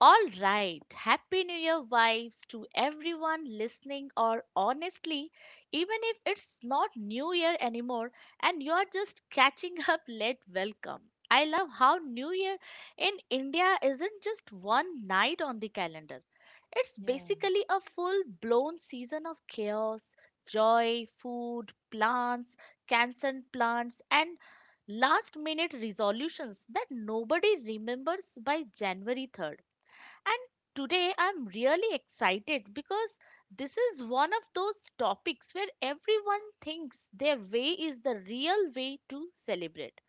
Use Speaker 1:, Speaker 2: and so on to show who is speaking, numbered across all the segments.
Speaker 1: All right, Happy New Year vibes to everyone listening, or honestly, even if it's not New Year anymore and you're just catching up late, welcome. I love how New Year in India isn't just one night on the calendar, it's
Speaker 2: Yeah.
Speaker 1: basically a full blown season of chaos, joy, food, plants, cancelled plants, and last minute resolutions that nobody remembers by January 3rd. And today I'm really excited because this is one of those topics where everyone thinks their way is the real way to celebrate.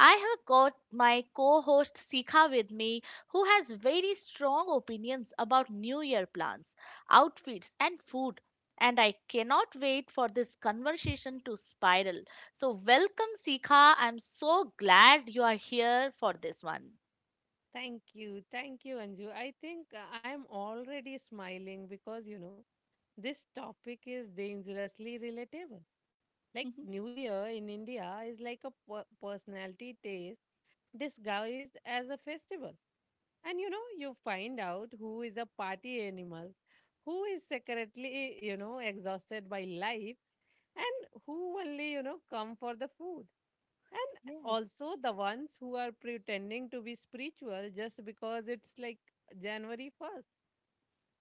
Speaker 1: I have got my co host Sikha with me, who has very strong opinions about New Year plans, outfits, and food. And I cannot wait for this conversation to spiral. So, welcome, Sikha. I'm so glad you are here for this one.
Speaker 2: Thank you. Thank you, Anju. I think I'm already smiling because, you know, this topic is dangerously relatable. Like New Year in India is like a personality test disguised as a festival. And you know, you find out who is a party animal who is secretly, you know, exhausted by life and who only, you know, come for the food. And
Speaker 1: Yes.
Speaker 2: also the ones who are pretending to be spiritual just because it's like January 1st.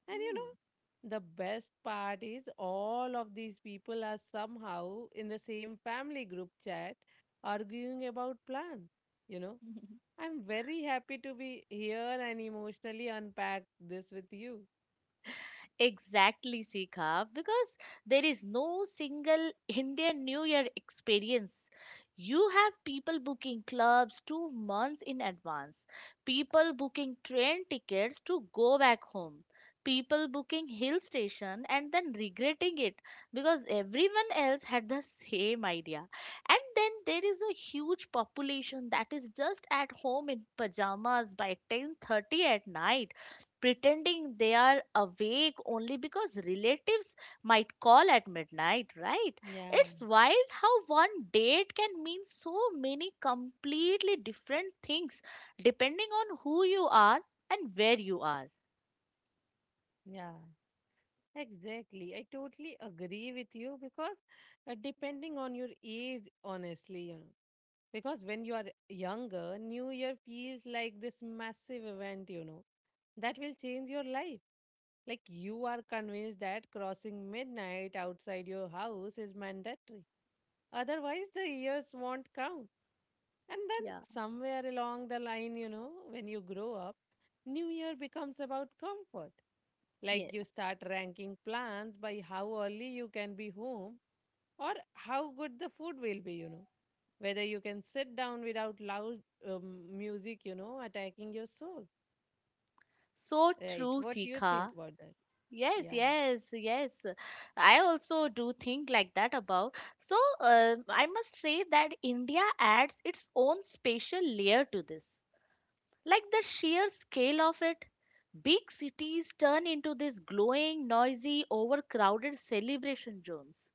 Speaker 2: And you
Speaker 1: Mm.
Speaker 2: know, the best part is all of these people are somehow in the same family group chat arguing about plans. You know, I'm very happy to be here and emotionally unpack this with you.
Speaker 1: Exactly, Sika, because there is no single Indian New Year experience. You have people booking clubs 2 months in advance, people booking train tickets to go back home, people booking hill station and then regretting it because everyone else had the same idea. And then there is a huge population that is just at home in pajamas by 10:30 at night pretending they are awake only because relatives might call at midnight, right?
Speaker 2: Yeah.
Speaker 1: It's wild how one date can mean so many completely different things depending on who you are and where you are.
Speaker 2: Yeah, exactly. I totally agree with you because depending on your age, honestly, you know, because when you are younger, New Year feels like this massive event, you know, that will change your life. Like you are convinced that crossing midnight outside your house is mandatory. Otherwise, the years won't count. And then
Speaker 1: Yeah,
Speaker 2: somewhere along the line, you know, when you grow up, New Year becomes about comfort. Like you
Speaker 1: yes.
Speaker 2: start ranking plans by how early you can be home or how good the food will be, you know whether you can sit down without loud music, you know, attacking your soul.
Speaker 1: So
Speaker 2: Right. What
Speaker 1: true,
Speaker 2: do you think
Speaker 1: Sika.
Speaker 2: about that? Yeah,
Speaker 1: Yes, yes, yes. I also do think like that about. So I must say that India adds its own special layer to this. Like the sheer scale of it, big cities turn into these glowing, noisy, overcrowded celebration zones.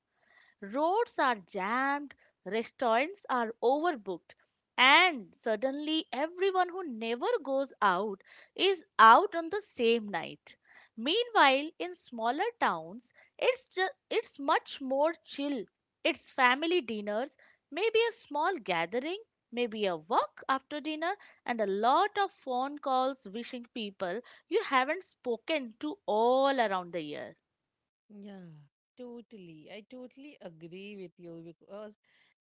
Speaker 1: Roads are jammed, restaurants are overbooked, and suddenly everyone who never goes out is out on the same night. Meanwhile, in smaller towns, it's much more chill. It's family dinners, maybe a small gathering, maybe a walk after dinner, and a lot of phone calls wishing people you haven't spoken to all around the year.
Speaker 2: yeah, Totally. I totally agree with you because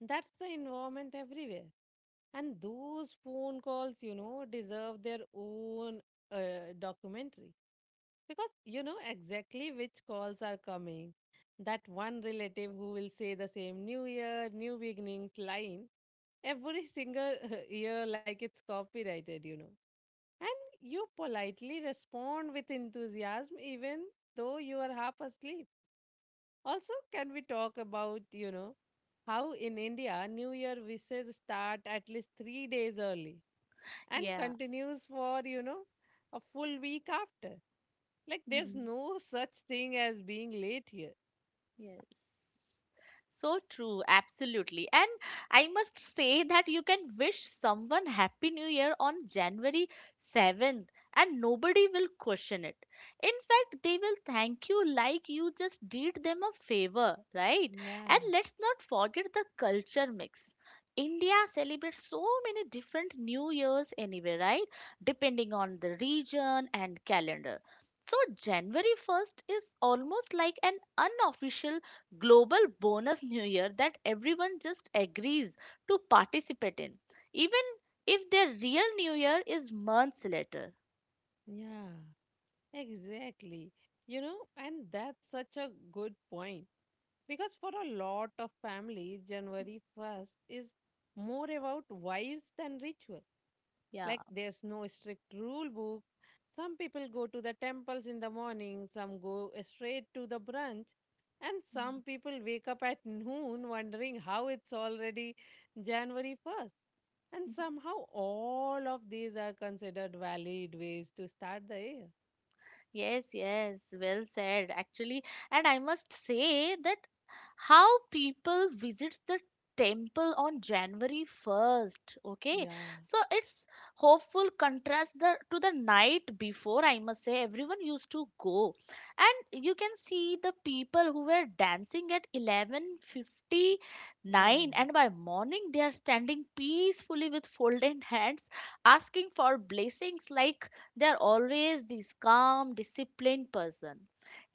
Speaker 2: that's the environment everywhere. And those phone calls, you know, deserve their own documentary. Because you know exactly which calls are coming. That one relative who will say the same New Year, New Beginnings line every single year like it's copyrighted, you know. And you politely respond with enthusiasm even though you are half asleep. Also, can we talk about, you know, how in India New Year wishes start at least 3 days early and
Speaker 1: Yeah.
Speaker 2: continues for, you know, a full week after? Like there's no such thing as being late here.
Speaker 1: Yes. So true, absolutely. And I must say that you can wish someone Happy New Year on January 7th and nobody will question it. In fact, they will thank you like you just did them a favor, right? And
Speaker 2: Yeah,
Speaker 1: let's not forget the culture mix. India celebrates so many different New Years anyway, right? Depending on the region and calendar. So January 1st is almost like an unofficial global bonus new year that everyone just agrees to participate in, even if their real new year is months later.
Speaker 2: yeah, Exactly. You know, and that's such a good point because for a lot of families, January 1st is more about wives than ritual.
Speaker 1: Yeah.
Speaker 2: Like, there's no strict rule book. Some people go to the temples in the morning, some go straight to the brunch, and
Speaker 1: Mm.
Speaker 2: some people wake up at noon wondering how it's already January 1st. And somehow all of these are considered valid ways to start the year.
Speaker 1: Yes, yes, well said, actually. And I must say that how people visits the temple on January 1st, okay?
Speaker 2: Yeah,
Speaker 1: So it's hopeful contrast to the night before, I must say, everyone used to go. And you can see the people who were dancing at
Speaker 2: yeah,
Speaker 1: 11:59 and by morning they are standing peacefully with folded hands, asking for blessings like they are always this calm disciplined person.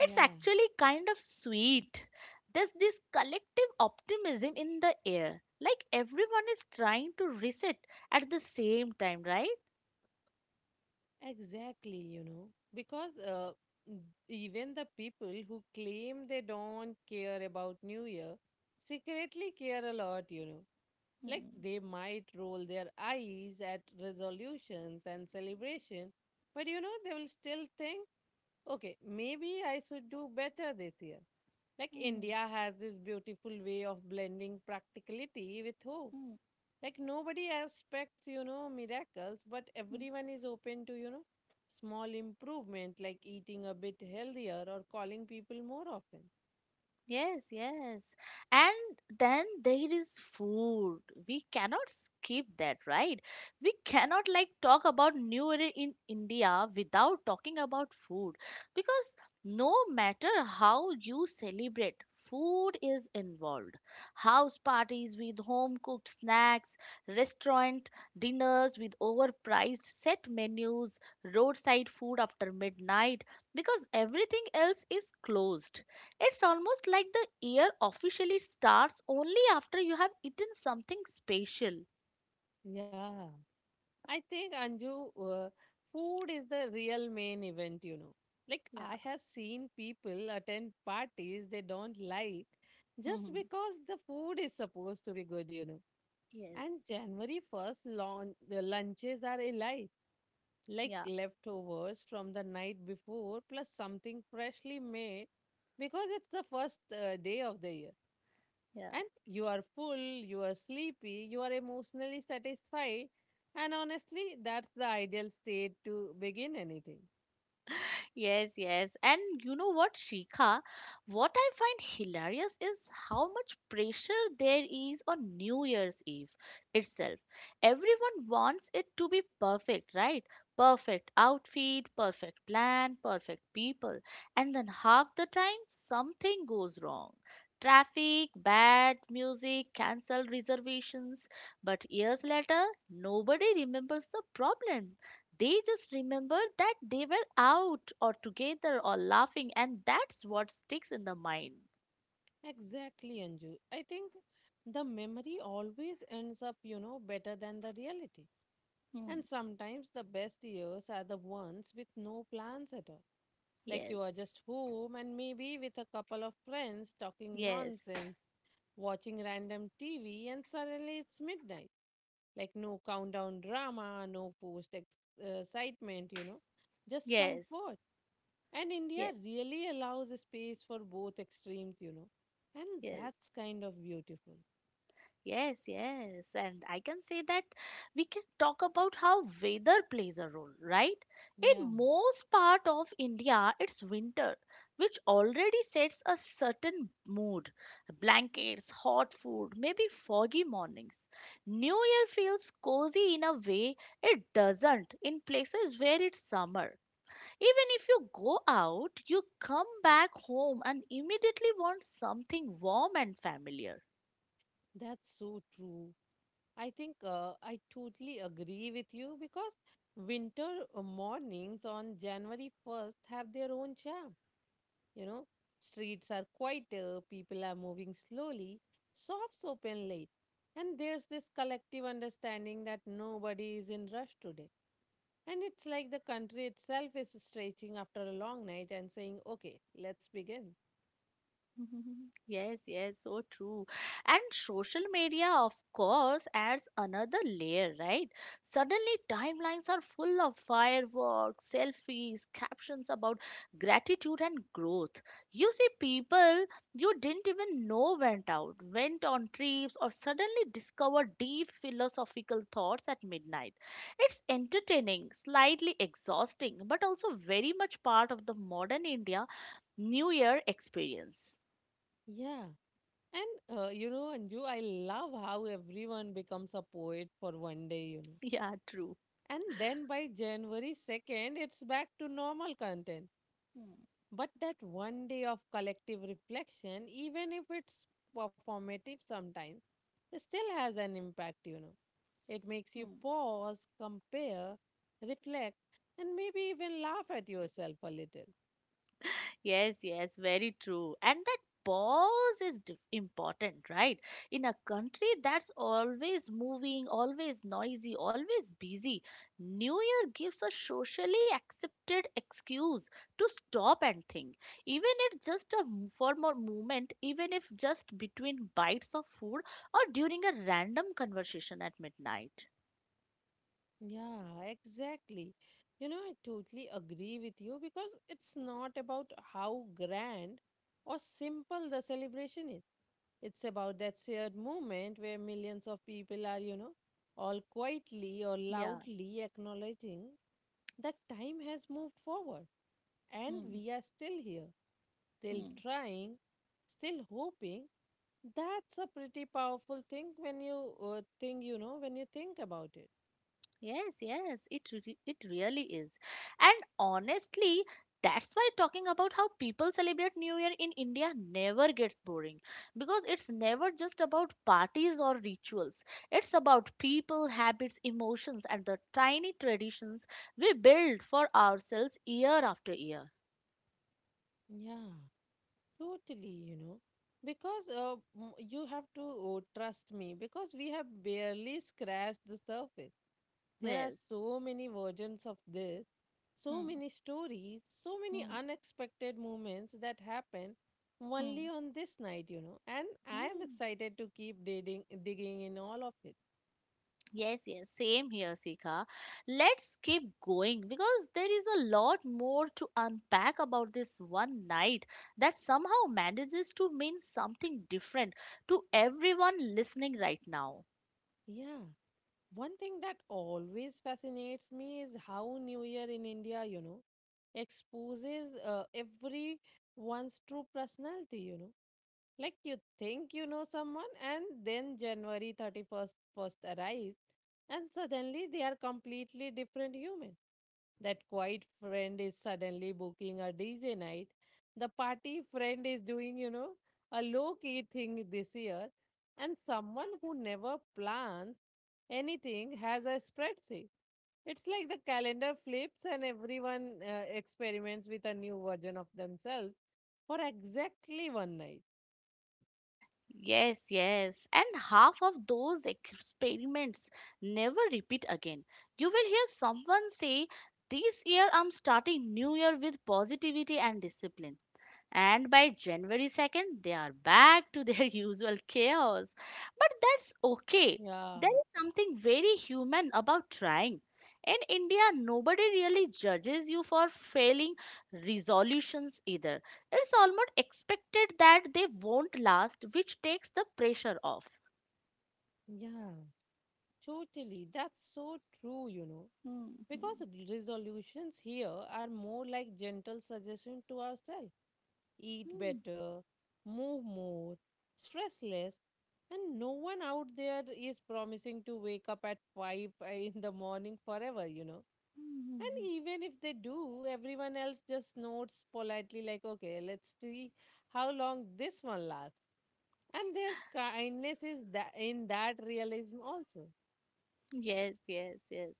Speaker 1: It's actually kind of sweet. There's this collective optimism in the air, like everyone is trying to reset at the same time, right?
Speaker 2: exactly, you know, because n- even the people who claim they don't care about New Year secretly care a lot, you know. Like
Speaker 1: Hmm,
Speaker 2: they might roll their eyes at resolutions and celebration, but you know, they will still think. Okay, maybe I should do better this year. Like
Speaker 1: hmm,
Speaker 2: India has this beautiful way of blending practicality with hope.
Speaker 1: hmm,
Speaker 2: Like nobody expects, you know, miracles, but
Speaker 1: hmm.
Speaker 2: everyone is open to, you know, small improvement like eating a bit healthier or calling people more often.
Speaker 1: Yes, yes. And then there is food. We cannot skip that, right? We cannot like talk about New Year in India without talking about food, because no matter how you celebrate, food is involved. House parties with home cooked snacks, restaurant dinners with overpriced set menus, roadside food after midnight because everything else is closed. It's almost like the year officially starts only after you have eaten something special.
Speaker 2: Yeah. I think, Anju, food is the real main event, you know. Like,
Speaker 1: Yeah.
Speaker 2: I have seen people attend parties they don't like just
Speaker 1: Mhm.
Speaker 2: because the food is supposed to be good, you know.
Speaker 1: Yes.
Speaker 2: And January 1st, the lunches are elite, like
Speaker 1: Yeah.
Speaker 2: leftovers from the night before, plus something freshly made because it's the first day of the year.
Speaker 1: Yeah.
Speaker 2: And you are full, you are sleepy, you are emotionally satisfied. And honestly, that's the ideal state to begin anything.
Speaker 1: Yes, yes. And you know what, Shikha? What I find hilarious is how much pressure there is on New Year's Eve itself. Everyone wants it to be perfect, right? Perfect outfit, perfect plan, perfect people. And then half the time, something goes wrong. Traffic, bad music, cancelled reservations. But years later, nobody remembers the problem. They just remember that they were out or together or laughing, and that's what sticks in the mind.
Speaker 2: Exactly, Anju. I think the memory always ends up, you know, better than the reality.
Speaker 1: Hmm.
Speaker 2: And sometimes the best years are the ones with no plans at all. Like you
Speaker 1: Yes,
Speaker 2: are just home and maybe with a couple of friends talking
Speaker 1: yes,
Speaker 2: nonsense, watching random TV, and suddenly it's midnight. Like no countdown drama, no excitement, you know, just
Speaker 1: yes,
Speaker 2: comfort. And
Speaker 1: yes,
Speaker 2: India really allows a space for both extremes, you know. And
Speaker 1: yes.
Speaker 2: that's kind of beautiful.
Speaker 1: Yes, yes. And I can say that we can talk about how weather plays a role, right? In
Speaker 2: Yeah,
Speaker 1: most part of India, it's winter, which already sets a certain mood. Blankets, hot food, maybe foggy mornings. New Year feels cozy in a way it doesn't in places where it's summer. Even if you go out, you come back home and immediately want something warm and familiar.
Speaker 2: that's so true. I think I totally agree with you because winter mornings on January 1st have their own charm. You know, streets are quieter, people are moving slowly, shops open late, and there's this collective understanding that nobody is in rush today. And it's like the country itself is stretching after a long night and saying, okay, let's begin.
Speaker 1: Yes, yes, so true. And social media, of course, adds another layer, right? Suddenly, timelines are full of fireworks, selfies, captions about gratitude and growth. You see, people you didn't even know went out, went on trips, or suddenly discovered deep philosophical thoughts at midnight. It's entertaining, slightly exhausting, but also very much part of the modern India New Year experience.
Speaker 2: Yeah. And you know, Anju, I love how everyone becomes a poet for one day, you know.
Speaker 1: Yeah, true.
Speaker 2: And then by January 2nd, it's back to normal content.
Speaker 1: Hmm.
Speaker 2: But that one day of collective reflection, even if it's performative sometimes, it still has an impact, you know. It makes you
Speaker 1: Hmm.
Speaker 2: pause, compare, reflect, and maybe even laugh at yourself a little.
Speaker 1: Yes, yes, very true. And that pause is important, right? In a country that's always moving, always noisy, always busy, New Year gives a socially accepted excuse to stop and think. Even if just for more moment, even if just between bites of food or during a random conversation at midnight.
Speaker 2: Yeah, exactly. You know, I totally agree with you because it's not about how grand or simple the celebration is. It's about that shared moment where millions of people are, you know, all quietly or
Speaker 1: Yeah.
Speaker 2: loudly acknowledging that time has moved forward and
Speaker 1: Hmm.
Speaker 2: we are still here, still
Speaker 1: Hmm.
Speaker 2: trying, still hoping. That's a pretty powerful thing when you think, you know, when you think about it.
Speaker 1: Yes, yes, it really is. And honestly, that's why talking about how people celebrate New Year in India never gets boring, because it's never just about parties or rituals. It's about people, habits, emotions and the tiny traditions we build for ourselves year after year.
Speaker 2: Yeah, totally, you know, because you have to oh, trust me because we have barely scratched the surface. There are
Speaker 1: Yes.
Speaker 2: so many versions of this, so
Speaker 1: Hmm,
Speaker 2: many stories, so many
Speaker 1: hmm,
Speaker 2: unexpected moments that happen only
Speaker 1: hmm.
Speaker 2: on this night, you know, and I am
Speaker 1: Hmm.
Speaker 2: excited to keep digging, digging in all of it.
Speaker 1: Yes, yes, same here, Sika. Let's keep going because there is a lot more to unpack about this one night that somehow manages to mean something different to everyone listening right now.
Speaker 2: Yeah. One thing that always fascinates me is how New Year in India, you know, exposes everyone's true personality, you know. Like you think you know someone, and then January 31st first arrives, and suddenly they are completely different human. That quiet friend is suddenly booking a DJ night. The party friend is doing, you know, a low key thing this year. And someone who never plans anything has a spreadsheet. It's like the calendar flips and everyone experiments with a new version of themselves for exactly one night.
Speaker 1: Yes, yes, and half of those experiments never repeat again. You will hear someone say, "This year I'm starting New Year with positivity and discipline." And by January 2nd, they are back to their usual chaos. But that's okay.
Speaker 2: Yeah,
Speaker 1: There is something very human about trying. In India, nobody really judges you for failing resolutions either. It's almost expected that they won't last, which takes the pressure off.
Speaker 2: yeah, totally. That's so true, you know.
Speaker 1: Hmm,
Speaker 2: Because
Speaker 1: hmm,
Speaker 2: resolutions here are more like gentle suggestion to ourselves eat
Speaker 1: hmm,
Speaker 2: better, move more, stress less, and no one out there is promising to wake up at 5 in the morning forever, you know.
Speaker 1: hmm, hmm, hmm.
Speaker 2: And even if they do, everyone else just nods politely, like, okay, let's see how long this one lasts. And there's kindness is that in that realism also.
Speaker 1: Yes, yes, yes.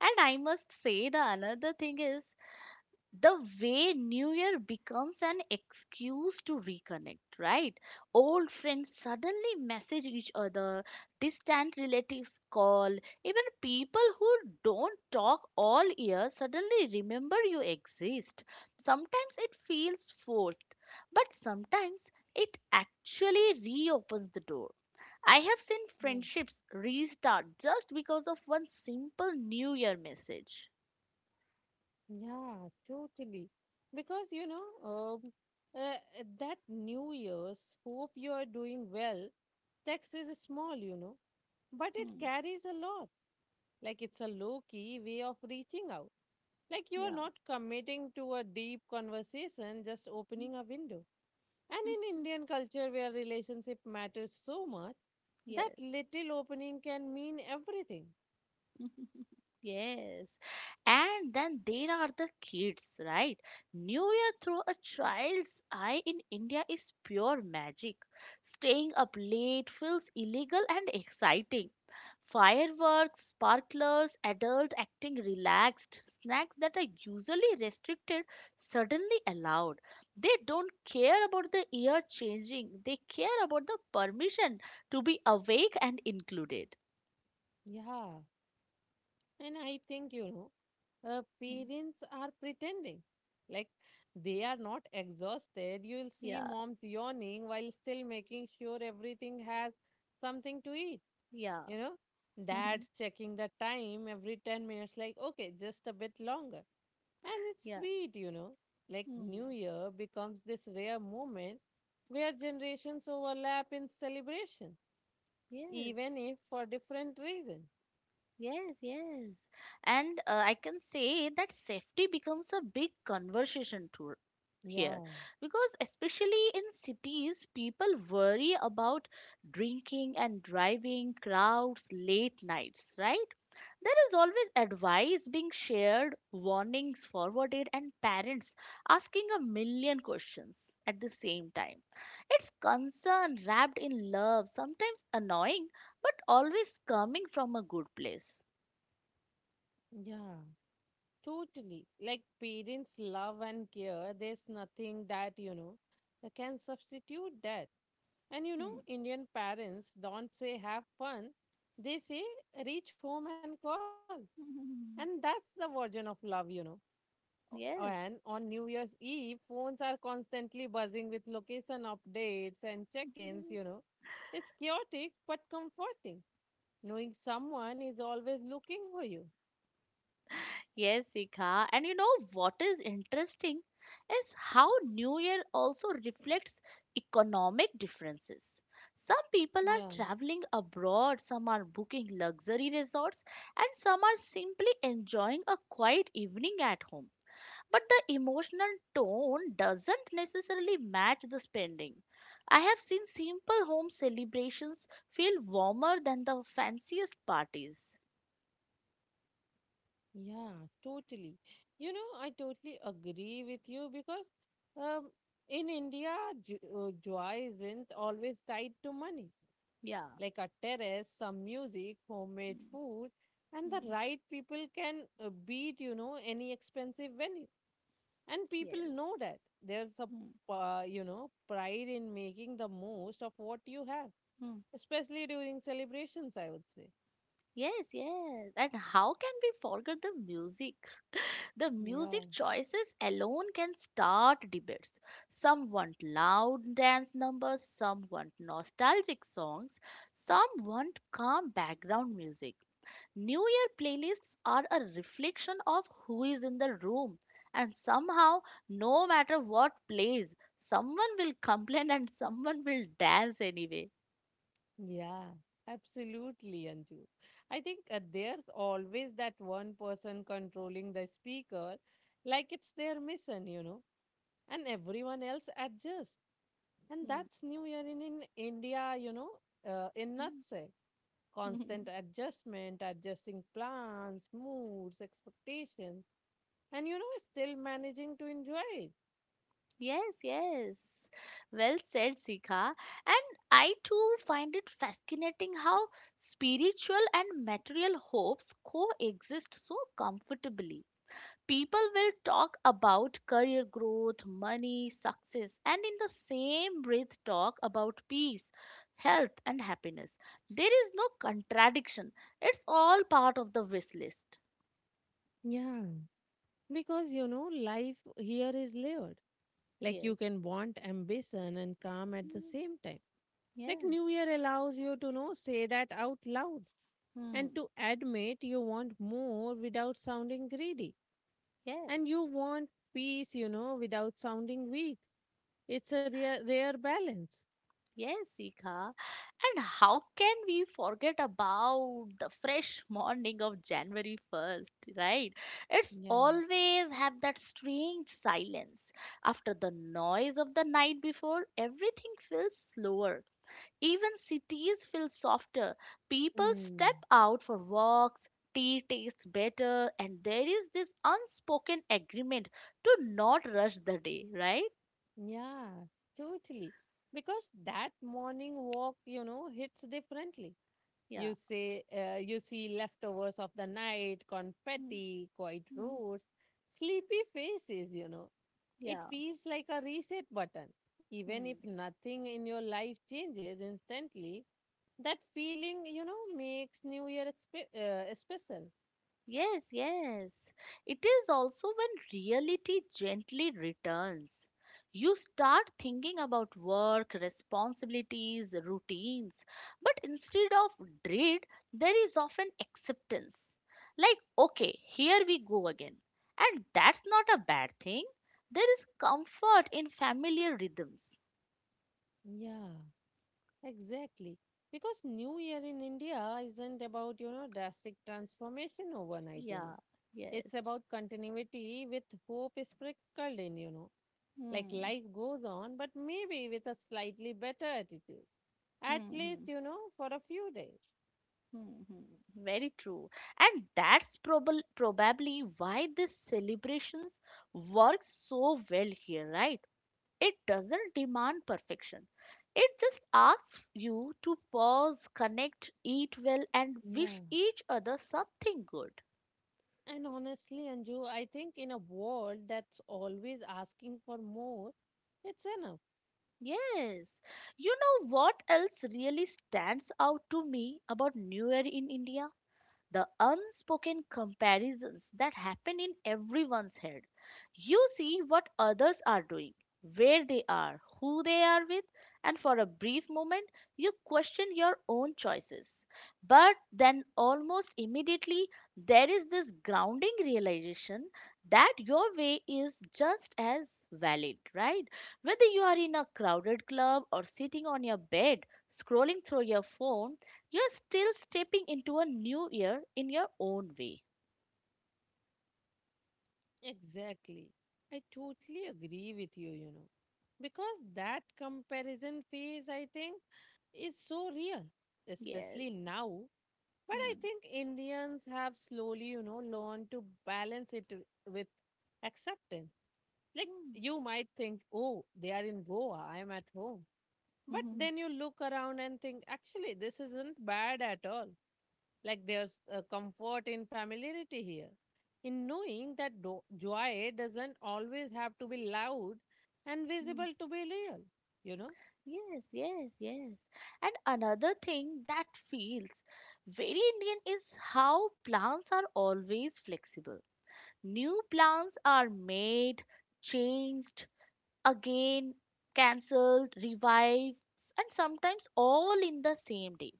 Speaker 1: And I must say the another thing is the way new year becomes an excuse to reconnect, right? Old friends suddenly message each other, distant relatives call, even people who don't talk all year suddenly remember you exist. Sometimes it feels forced, but sometimes it actually reopens the door. I have seen
Speaker 2: Yeah.
Speaker 1: friendships restart just because of one simple New Year message.
Speaker 2: Yeah, totally. Because, you know, uh, that New Year's, hope you are doing well. Text is small, you know, but it
Speaker 1: Hmm,
Speaker 2: carries a lot. Like it's a low key way of reaching out. Like you are
Speaker 1: yeah.
Speaker 2: not committing to a deep conversation, just opening a window. And in Indian culture, where relationship matters so much, that
Speaker 1: Yes.
Speaker 2: little opening can mean everything.
Speaker 1: Yes. And then there are the kids, right? New Year through a child's eye in India is pure magic. Staying up late feels illegal and exciting. Fireworks, sparklers, adult acting relaxed, snacks that are usually restricted suddenly allowed. They don't care about the year changing, they care about the permission to be awake and included.
Speaker 2: Yeah. And I think, you know,
Speaker 1: Mm.
Speaker 2: parents are pretending. Like they are not exhausted. You'll see
Speaker 1: Yeah,
Speaker 2: moms yawning while still making sure everything has something to eat.
Speaker 1: yeah.
Speaker 2: You know, dad's checking the time every 10 minutes, like, okay, just a bit longer. And it's
Speaker 1: yeah.
Speaker 2: sweet, you know. Like
Speaker 1: Hmm.
Speaker 2: New Year becomes this rare moment where generations overlap in celebration,
Speaker 1: Yes.
Speaker 2: even if for different reasons.
Speaker 1: Yes. Yes. And I can say that safety becomes a big conversation to here,
Speaker 2: Yeah,
Speaker 1: because especially in cities people worry about drinking and driving, crowds, late nights, right? There is always advice being shared, warnings forwarded, and parents asking a million questions at the same time. It's concern wrapped in love, sometimes annoying, but always coming from a good place.
Speaker 2: yeah. Totally. Like parents' love and care, there's nothing that, you know, that can substitute that. And you know,
Speaker 1: Hmm.
Speaker 2: Indian parents don't say have fun, they say reach home and call. And that's the version of love, you know. And
Speaker 1: yes.
Speaker 2: on New Year's Eve, phones are constantly buzzing with location updates and check ins, you know. It's chaotic but comforting, knowing someone is always looking for you.
Speaker 1: Yes, Sika. And you know what is interesting is how New Year also reflects economic differences. Some people are
Speaker 2: Yeah.
Speaker 1: traveling abroad, some are booking luxury resorts, and some are simply enjoying a quiet evening at home. But the emotional tone doesn't necessarily match the spending. I have seen simple home celebrations feel warmer than the fanciest parties.
Speaker 2: Yeah, totally. You know, I totally agree with you because um, in India, joy isn't always tied to money.
Speaker 1: Yeah.
Speaker 2: Like a terrace, some music, homemade
Speaker 1: Mm,
Speaker 2: food, and the
Speaker 1: mm.
Speaker 2: right people can beat, you know, any expensive venue. And people
Speaker 1: Yes.
Speaker 2: know that. There's a,
Speaker 1: Hmm.
Speaker 2: you know, pride in making the most of what you have,
Speaker 1: Hmm.
Speaker 2: especially during celebrations, I would say.
Speaker 1: Yes, yes. And how can we forget the music? The
Speaker 2: Yeah.
Speaker 1: music choices alone can start debates. Some want loud dance numbers, some want nostalgic songs, some want calm background music. New Year playlists are a reflection of who is in the room, and somehow, no matter what plays, someone will complain and someone will dance anyway.
Speaker 2: Yeah, absolutely, Anju. I think there's always that one person controlling the speaker, like it's their mission, you know, and everyone else adjusts. And that's New Year in India, you know, in
Speaker 1: Hmm.
Speaker 2: nutshell. Constant adjustment, adjusting plans, moods, expectations, and you know, still managing to enjoy it.
Speaker 1: Yes, yes. Well said, Sika. And I too find it fascinating how spiritual and material hopes coexist so comfortably. People will talk about career growth, money, success, and in the same breath talk about peace, health, and happiness. There is no contradiction. It's all part of the wish list.
Speaker 2: Yeah, Because, you know, life here is layered. Like you
Speaker 1: Yes.
Speaker 2: can want ambition and calm at the
Speaker 1: Mm.
Speaker 2: same time. Like
Speaker 1: Yes.
Speaker 2: New Year allows you to know, say that out loud and
Speaker 1: Hmm.
Speaker 2: to admit you want more without sounding greedy. And
Speaker 1: Yes.
Speaker 2: you want peace, you know, without sounding weak. It's a rare, rare balance.
Speaker 1: Yes, Sika. And how can we forget about the fresh morning of January 1st, right? It's
Speaker 2: Yeah.
Speaker 1: always have that strange silence. After the noise of the night before, everything feels slower. Even cities feel softer. People
Speaker 2: Hmm.
Speaker 1: step out for walks, tea tastes better, and there is this unspoken agreement to not rush the day, right?
Speaker 2: Yeah, totally. Because that morning walk, you know, hits differently.
Speaker 1: Yeah.
Speaker 2: You say you see leftovers of the night,
Speaker 1: Mm,
Speaker 2: confetti, quiet
Speaker 1: mm.
Speaker 2: roads, sleepy faces, you know. It
Speaker 1: Yeah.
Speaker 2: feels like a reset button. Even if
Speaker 1: Hmm.
Speaker 2: nothing in your life changes instantly, that feeling, you know, makes New Year special.
Speaker 1: Yes, yes. It is also when reality gently returns. You start thinking about work, responsibilities, routines, but instead of dread, there is often acceptance. Like, okay, here we go again. And that's not a bad thing. There is comfort in familiar rhythms.
Speaker 2: Yeah. Exactly. Because New Year in India isn't about, you know, drastic transformation overnight, you
Speaker 1: Yeah,
Speaker 2: know. It's
Speaker 1: yes.
Speaker 2: about continuity with hope sprinkled in, you know. Like
Speaker 1: Hmm.
Speaker 2: life goes on, but maybe with a slightly better attitude, at
Speaker 1: Hmm.
Speaker 2: least,
Speaker 1: Hmm.
Speaker 2: for a few days.
Speaker 1: Hmm, hmm, very true. And that's probably why these celebrations work so well here, right? It doesn't demand perfection. It just asks you to pause, connect, eat well, and
Speaker 2: Yeah.
Speaker 1: wish each other something good.
Speaker 2: And honestly, Anju, I think in a world that's always asking for more, it's enough.
Speaker 1: Yes. You know what else really stands out to me about New Year in India? The unspoken comparisons that happen in everyone's head. You see what others are doing, where they are, who they are with, and for a brief moment, you question your own choices. But then, almost immediately, there is this grounding realization that your way is just as valid, right? Whether you are in a crowded club or sitting on your bed, scrolling through your phone, you're still stepping into a new year in your own way.
Speaker 2: Exactly. I totally agree with you, you know. Because that comparison phase, I think, is so real, especially
Speaker 1: Yes.
Speaker 2: now. But I
Speaker 1: Hmm.
Speaker 2: think Indians have slowly, learned to balance it with acceptance. Like you might think, oh, they are in Goa, I am at home. But
Speaker 1: Hmm. Hmm.
Speaker 2: then you look around and think, actually, this isn't bad at all. Like there's a comfort in familiarity here, in knowing that joy doesn't always have to be loud and
Speaker 1: Hmm.
Speaker 2: visible to be real, you know?
Speaker 1: Yes, yes, yes. And another thing that feels very Indian is how plans are always flexible. New plans are made, changed, again cancelled, revives, and sometimes all in the same day.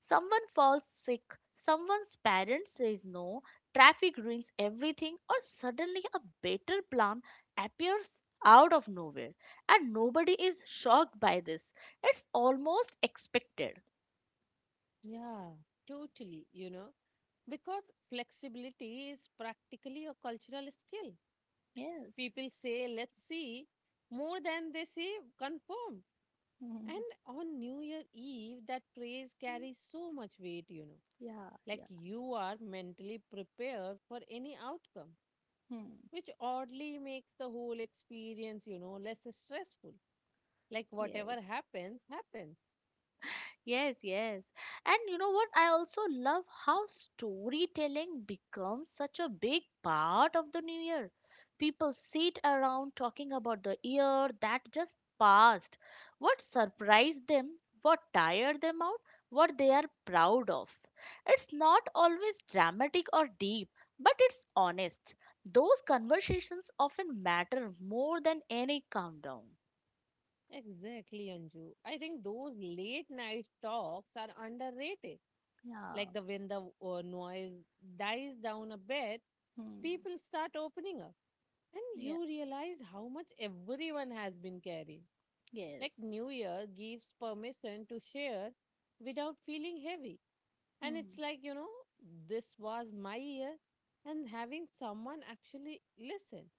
Speaker 1: Someone falls sick, someone's parents says no, traffic ruins everything, or suddenly a better plan appears out of nowhere, and nobody is shocked by this. It's almost expected.
Speaker 2: Yeah, totally, you know? Because flexibility is practically a cultural skill.
Speaker 1: Yes.
Speaker 2: People say, let's see, more than they say, confirmed. And on New Year Eve, that praise carries so much weight, you know.
Speaker 1: Yeah,
Speaker 2: Like
Speaker 1: yeah.
Speaker 2: you are mentally prepared for any outcome,
Speaker 1: Hmm.
Speaker 2: which oddly makes the whole experience, less stressful. Like
Speaker 1: Yes.
Speaker 2: whatever happens, happens.
Speaker 1: Yes, yes. And you know what? I also love how storytelling becomes such a big part of the new year. People sit around talking about the year that just passed, what surprised them, what tired them out, what they are proud of. It's not always dramatic or deep, but it's honest. Those conversations often matter more than any countdown.
Speaker 2: Exactly, Anju. I think those late night talks are underrated.
Speaker 1: Yeah.
Speaker 2: Like the when the noise dies down a bit,
Speaker 1: Hmm.
Speaker 2: people start opening up, and
Speaker 1: Yeah.
Speaker 2: you realize how much everyone has been carrying. Like
Speaker 1: Yes.
Speaker 2: New Year gives permission to share without feeling heavy. And it's
Speaker 1: Hmm.
Speaker 2: like, you know, this was my year, and having someone actually listen.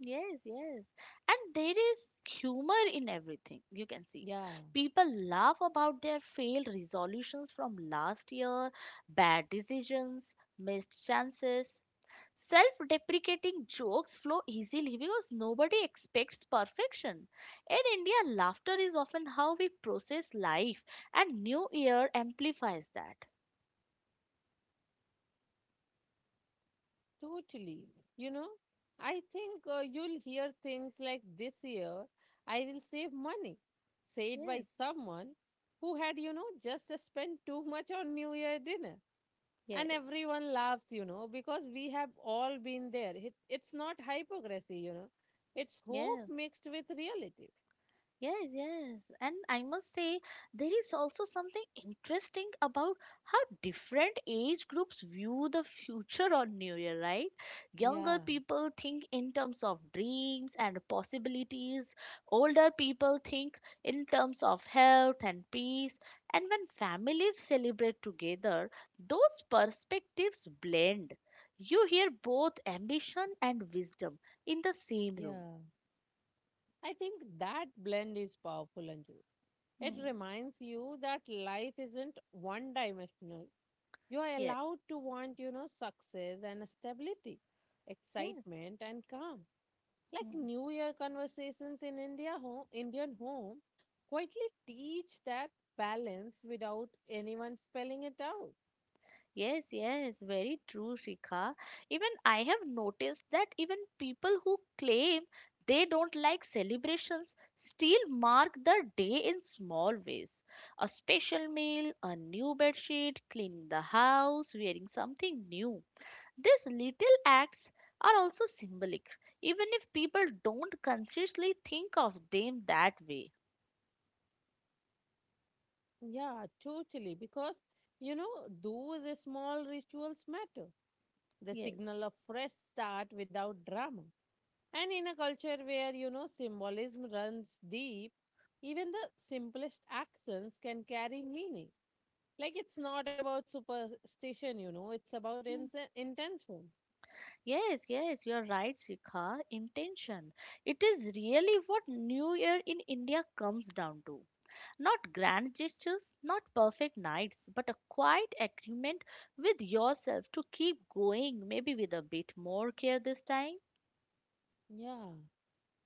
Speaker 1: Yes, yes. And there is humor in everything, you can see.
Speaker 2: Yeah,
Speaker 1: People laugh about their failed resolutions from last year, bad decisions, missed chances. Self deprecating jokes flow easily because nobody expects perfection. In India, laughter is often how we process life, and New Year amplifies that.
Speaker 2: totally. You know, I think you'll hear things like, this year I will save money, said by
Speaker 1: Yes.
Speaker 2: someone who had, just spent too much on New Year dinner. And
Speaker 1: Yes.
Speaker 2: everyone laughs because we have all been there. It's not hypocrisy, it's hope
Speaker 1: Yes.
Speaker 2: mixed with reality.
Speaker 1: Yes, yes. And I must say, there is also something interesting about how different age groups view the future on New Year, right? Younger
Speaker 2: Yeah,
Speaker 1: people think in terms of dreams and possibilities, older people think in terms of health and peace. And when families celebrate together, those perspectives blend. You hear both ambition and wisdom in the same room.
Speaker 2: yeah, I think that blend is powerful, Anju. It
Speaker 1: Hmm.
Speaker 2: reminds you that life isn't one dimensional. You are
Speaker 1: Yes,
Speaker 2: allowed to want, success and stability,
Speaker 1: yes.
Speaker 2: excitement and calm. Like
Speaker 1: Hmm.
Speaker 2: New Year conversations in Indian home quietly teach that balance without anyone spelling it out.
Speaker 1: Yes, yes, very true, Shikha. Even I have noticed that even people who claim they don't like celebrations still mark the day in small ways. A special meal, a new bedsheet, cleaning the house, wearing something new. These little acts are also symbolic, even if people don't consciously think of them that way.
Speaker 2: Yeah, totally. Because, you know, those small rituals matter. The
Speaker 1: Yes.
Speaker 2: signal of fresh start without drama. And in a culture where, symbolism runs deep, even the simplest actions can carry meaning. Like it's not about superstition, it's about intention.
Speaker 1: Yes, yes, you are right, Sikha. Intention. It is really what New Year in India comes down to. Not grand gestures, not perfect nights, but a quiet agreement with yourself to keep going, maybe with a bit more care this time.
Speaker 2: Yeah.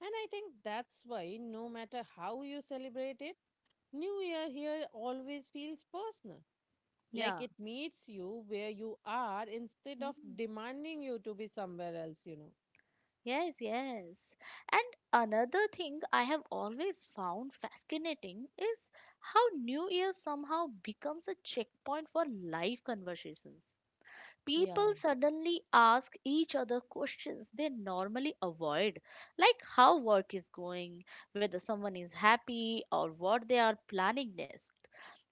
Speaker 2: And I think that's why, no matter how you celebrate it, New Year here always feels personal. Like
Speaker 1: Yeah.
Speaker 2: it meets you where you are instead of
Speaker 1: Hmm.
Speaker 2: demanding you to be somewhere else, you know.
Speaker 1: Yes, yes. And another thing I have always found fascinating is how New Year somehow becomes a checkpoint for life conversations.
Speaker 2: Yeah,
Speaker 1: People suddenly ask each other questions they normally avoid, like how work is going, whether someone is happy, or what they are planning next.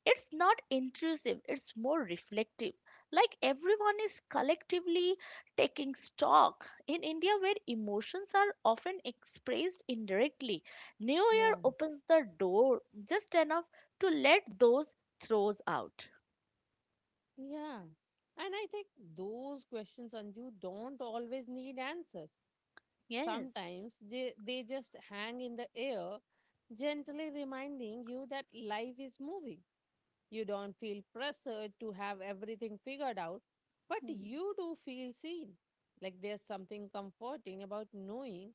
Speaker 1: It's not intrusive, it's more reflective. Like everyone is collectively taking stock. In India, where emotions are often expressed indirectly, New Year
Speaker 2: yeah,
Speaker 1: opens the door just enough to let those throws out.
Speaker 2: yeah. And I think those questions, Anju, don't always need answers.
Speaker 1: Yes.
Speaker 2: Sometimes they just hang in the air, gently reminding you that life is moving. You don't feel pressured to have everything figured out, but
Speaker 1: Hmm.
Speaker 2: you do feel seen. Like there's something comforting about knowing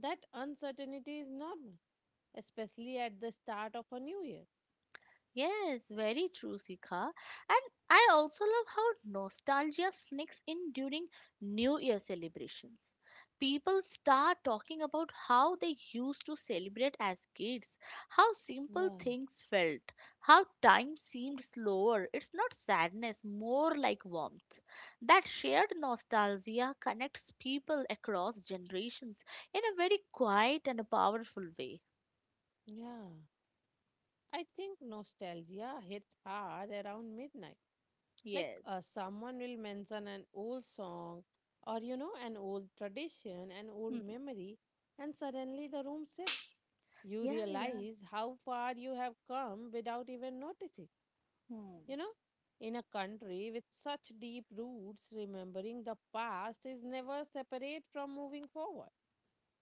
Speaker 2: that uncertainty is normal, especially at the start of a new year.
Speaker 1: Yes, very true, Sika. And I also love how nostalgia sneaks in during New Year celebrations. People start talking about how they used to celebrate as kids, how simple
Speaker 2: Yeah,
Speaker 1: things felt, how time seemed slower. It's not sadness, more like warmth. That shared nostalgia connects people across generations in a very quiet and a powerful way.
Speaker 2: yeah. I think nostalgia hits hard around midnight. Like
Speaker 1: Yes.
Speaker 2: someone will mention an old song or, an old tradition, an old
Speaker 1: Hmm.
Speaker 2: memory, and suddenly the room shifts. You
Speaker 1: Yeah, yeah.
Speaker 2: realize how far you have come without even noticing. You
Speaker 1: Hmm.
Speaker 2: know, in a country with such deep roots, remembering the past is never separate from moving forward.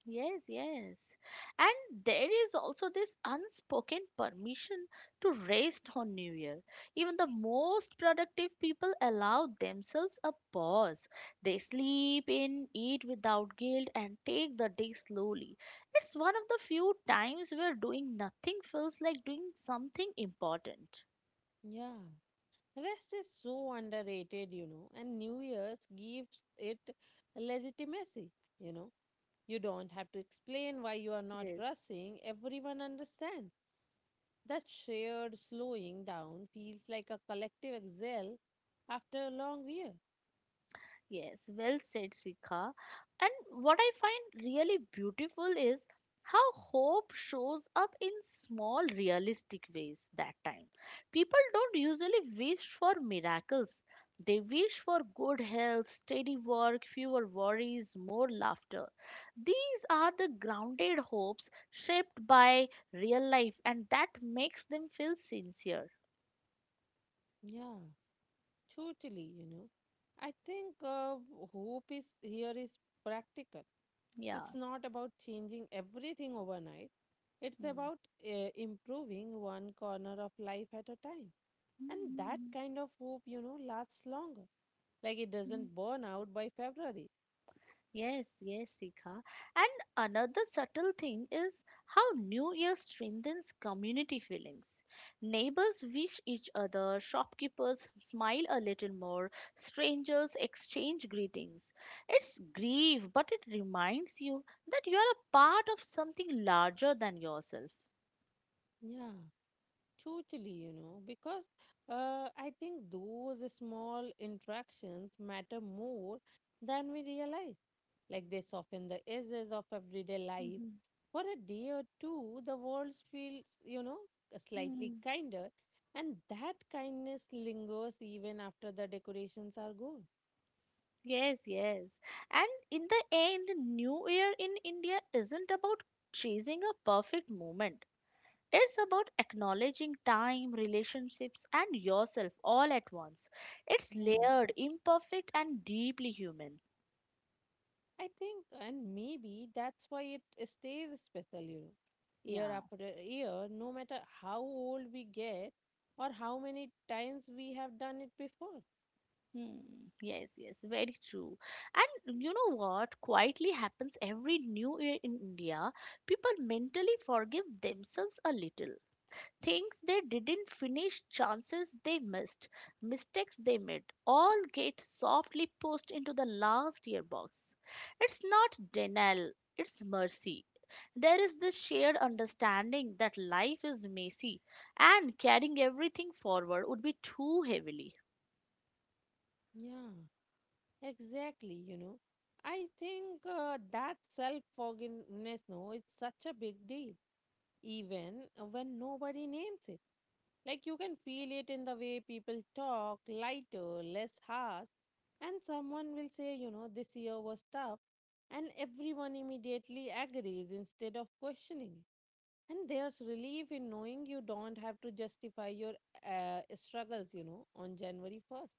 Speaker 1: Yes, yes. And there is also this unspoken permission to rest on New Year. Even the most productive people allow themselves a pause. They sleep in, eat without guilt, and take the day slowly. It's one of the few times where doing nothing feels like doing something important.
Speaker 2: Yeah. Rest is so underrated, you know, and New Year's gives it legitimacy, you know. You don't have to explain why you are not
Speaker 1: Yes.
Speaker 2: rushing, everyone understands. That shared slowing down feels like a collective exhale after a long year.
Speaker 1: Yes, well said, Sika. And what I find really beautiful is how hope shows up in small, realistic ways that time. People don't usually wish for miracles, they wish for good health, steady work, fewer worries, more laughter. These are the grounded hopes shaped by real life, and that makes them feel sincere.
Speaker 2: Yeah. Totally, you know. I think hope is here is practical. It's
Speaker 1: Yeah.
Speaker 2: not about changing everything overnight. It's about improving one corner of life at a time. And that
Speaker 1: Mm.
Speaker 2: kind of hope, you know, lasts longer. Like it doesn't burn out by February.
Speaker 1: Yes, yes, Sika. And another subtle thing is how New Year strengthens community feelings. Neighbors wish each other, shopkeepers smile a little more, strangers exchange greetings. It's grief, but it reminds you that you are a part of something larger than yourself.
Speaker 2: Yeah. Totally, you know, because I think those small interactions matter more than we realize. Like they soften the edges of everyday life.
Speaker 1: Mhm.
Speaker 2: For a day or two, the world feels, slightly
Speaker 1: Hmm.
Speaker 2: kinder, and that kindness lingers even after the decorations are gone.
Speaker 1: Yes, yes. And in the end, New Year in India isn't about chasing a perfect moment. It's about acknowledging time, relationships, and yourself all at once. It's
Speaker 2: Yeah.
Speaker 1: layered, imperfect, and deeply human.
Speaker 2: I think, and maybe that's why it stays special, you know, year
Speaker 1: Yeah.
Speaker 2: after year, no matter how old we get or how many times we have done it before.
Speaker 1: Hmm. Yes, yes, very true. And you know what quietly happens every new year in India? People mentally forgive themselves a little. Things they didn't finish, chances they missed, mistakes they made, all get softly pushed into the last year box. It's not denial, it's mercy. There is this shared understanding that life is messy and carrying everything forward would be too heavily.
Speaker 2: Yeah, exactly, you know. I think that self forgiveness, no, it's such a big deal even when nobody names it. Like you can feel it in the way people talk, lighter, less harsh. And someone will say, you know, this year was tough. And everyone immediately agrees instead of questioning it. And there's relief in knowing you don't have to justify your struggles, you know, on January 1st.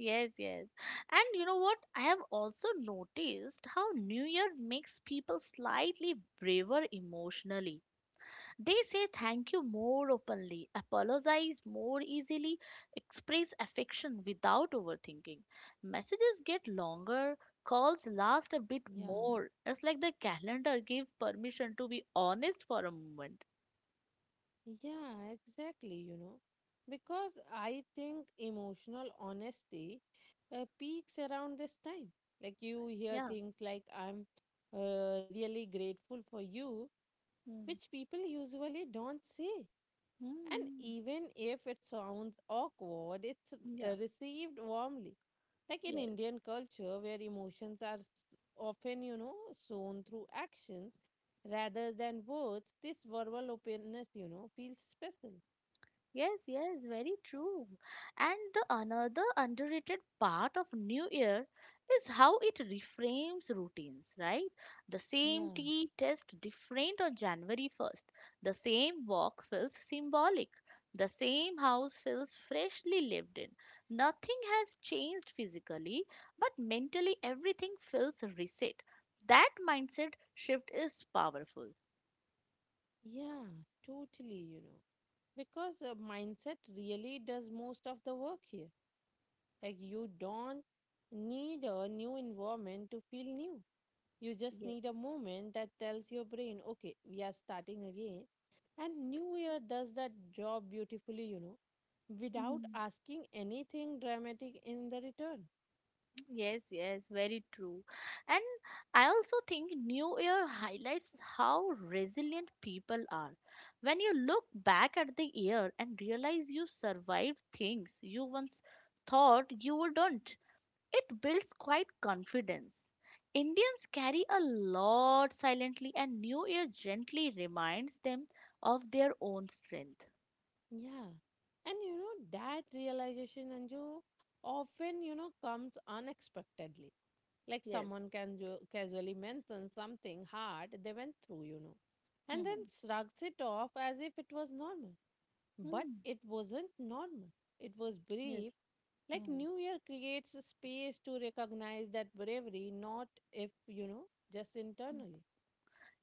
Speaker 1: Yes, yes. And you know what? I have also noticed how New Year makes people slightly braver emotionally. They say thank you more openly, apologize more easily, express affection without overthinking. Messages get longer, calls last a bit
Speaker 2: Yeah.
Speaker 1: more. It's like the calendar gave permission to be honest for a moment.
Speaker 2: Yeah, exactly, you know. Because I think emotional honesty peaks around this time. Like you hear
Speaker 1: Yeah.
Speaker 2: things like, I'm really grateful for you,
Speaker 1: Mm.
Speaker 2: which people usually don't say. And
Speaker 1: Mm.
Speaker 2: even if it sounds awkward, it's
Speaker 1: Yeah.
Speaker 2: received warmly. Like in
Speaker 1: Yes.
Speaker 2: Indian culture, where emotions are often, shown through actions rather than words, this verbal openness, you know, feels special.
Speaker 1: Yes, yes, very true. And the another underrated part of New Year is how it reframes routines, right? The same
Speaker 2: Yeah,
Speaker 1: tea tastes different on January 1st. The same walk feels symbolic. The same house feels freshly lived in. Nothing has changed physically, but mentally everything feels reset. That mindset shift is powerful.
Speaker 2: yeah, totally, you know. Because mindset really does most of the work here. Like, you don't need a new environment to feel new. You just
Speaker 1: Yes.
Speaker 2: need a moment that tells your brain, okay, we are starting again. And New Year does that job beautifully, you know, without asking anything dramatic in the return.
Speaker 1: Yes, yes, very true. And I also think New Year highlights how resilient people are. When you look back at the year and realize you survived things you once thought you wouldn't, it builds quite confidence. Indians carry a lot silently, and New Year gently reminds them of their own strength.
Speaker 2: Yeah. And, you know, that realization, Anju, often, comes unexpectedly. Like
Speaker 1: Yes.
Speaker 2: someone can casually mention something hard they went through, you know, and then
Speaker 1: Hmm.
Speaker 2: shrugs it off as if it was normal. But
Speaker 1: Hmm.
Speaker 2: it wasn't normal. It was
Speaker 1: Yes.
Speaker 2: brief. Like
Speaker 1: Hmm.
Speaker 2: New Year creates a space to recognize that bravery, not if, just internally.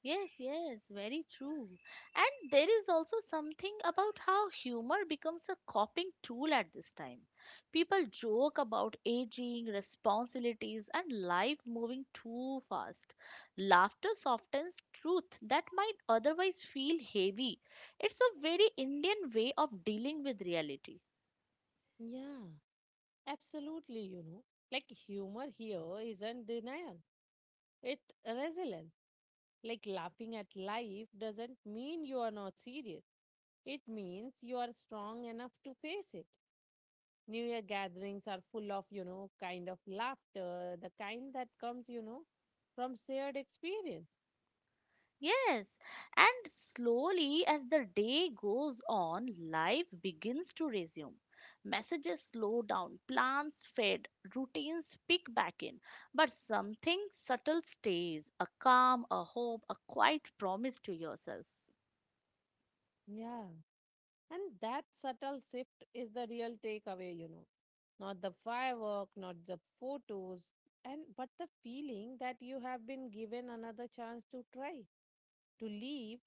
Speaker 1: Yes, yes, very true. And there is also something about how humor becomes a coping tool at this time. People joke about aging, responsibilities, and life moving too fast. Laughter softens truth that might otherwise feel heavy. It's a very Indian way of dealing with reality.
Speaker 2: Yeah, absolutely, you know. Like humor here isn't denial, it resilience. Like laughing at life doesn't mean you are not serious. It means you are strong enough to face it. New Year gatherings are full of, you know, kind of laughter, the kind that comes, you know, from shared experience.
Speaker 1: Yes, and slowly as the day goes on, life begins to resume. Messages slow down, plans fade, routines pick back in, but something subtle stays a calm, a hope, a quiet promise to yourself.
Speaker 2: Yeah. And that subtle shift is the real takeaway, you know. Not the firework, not the photos, and but the feeling that you have been given another chance to try, to live,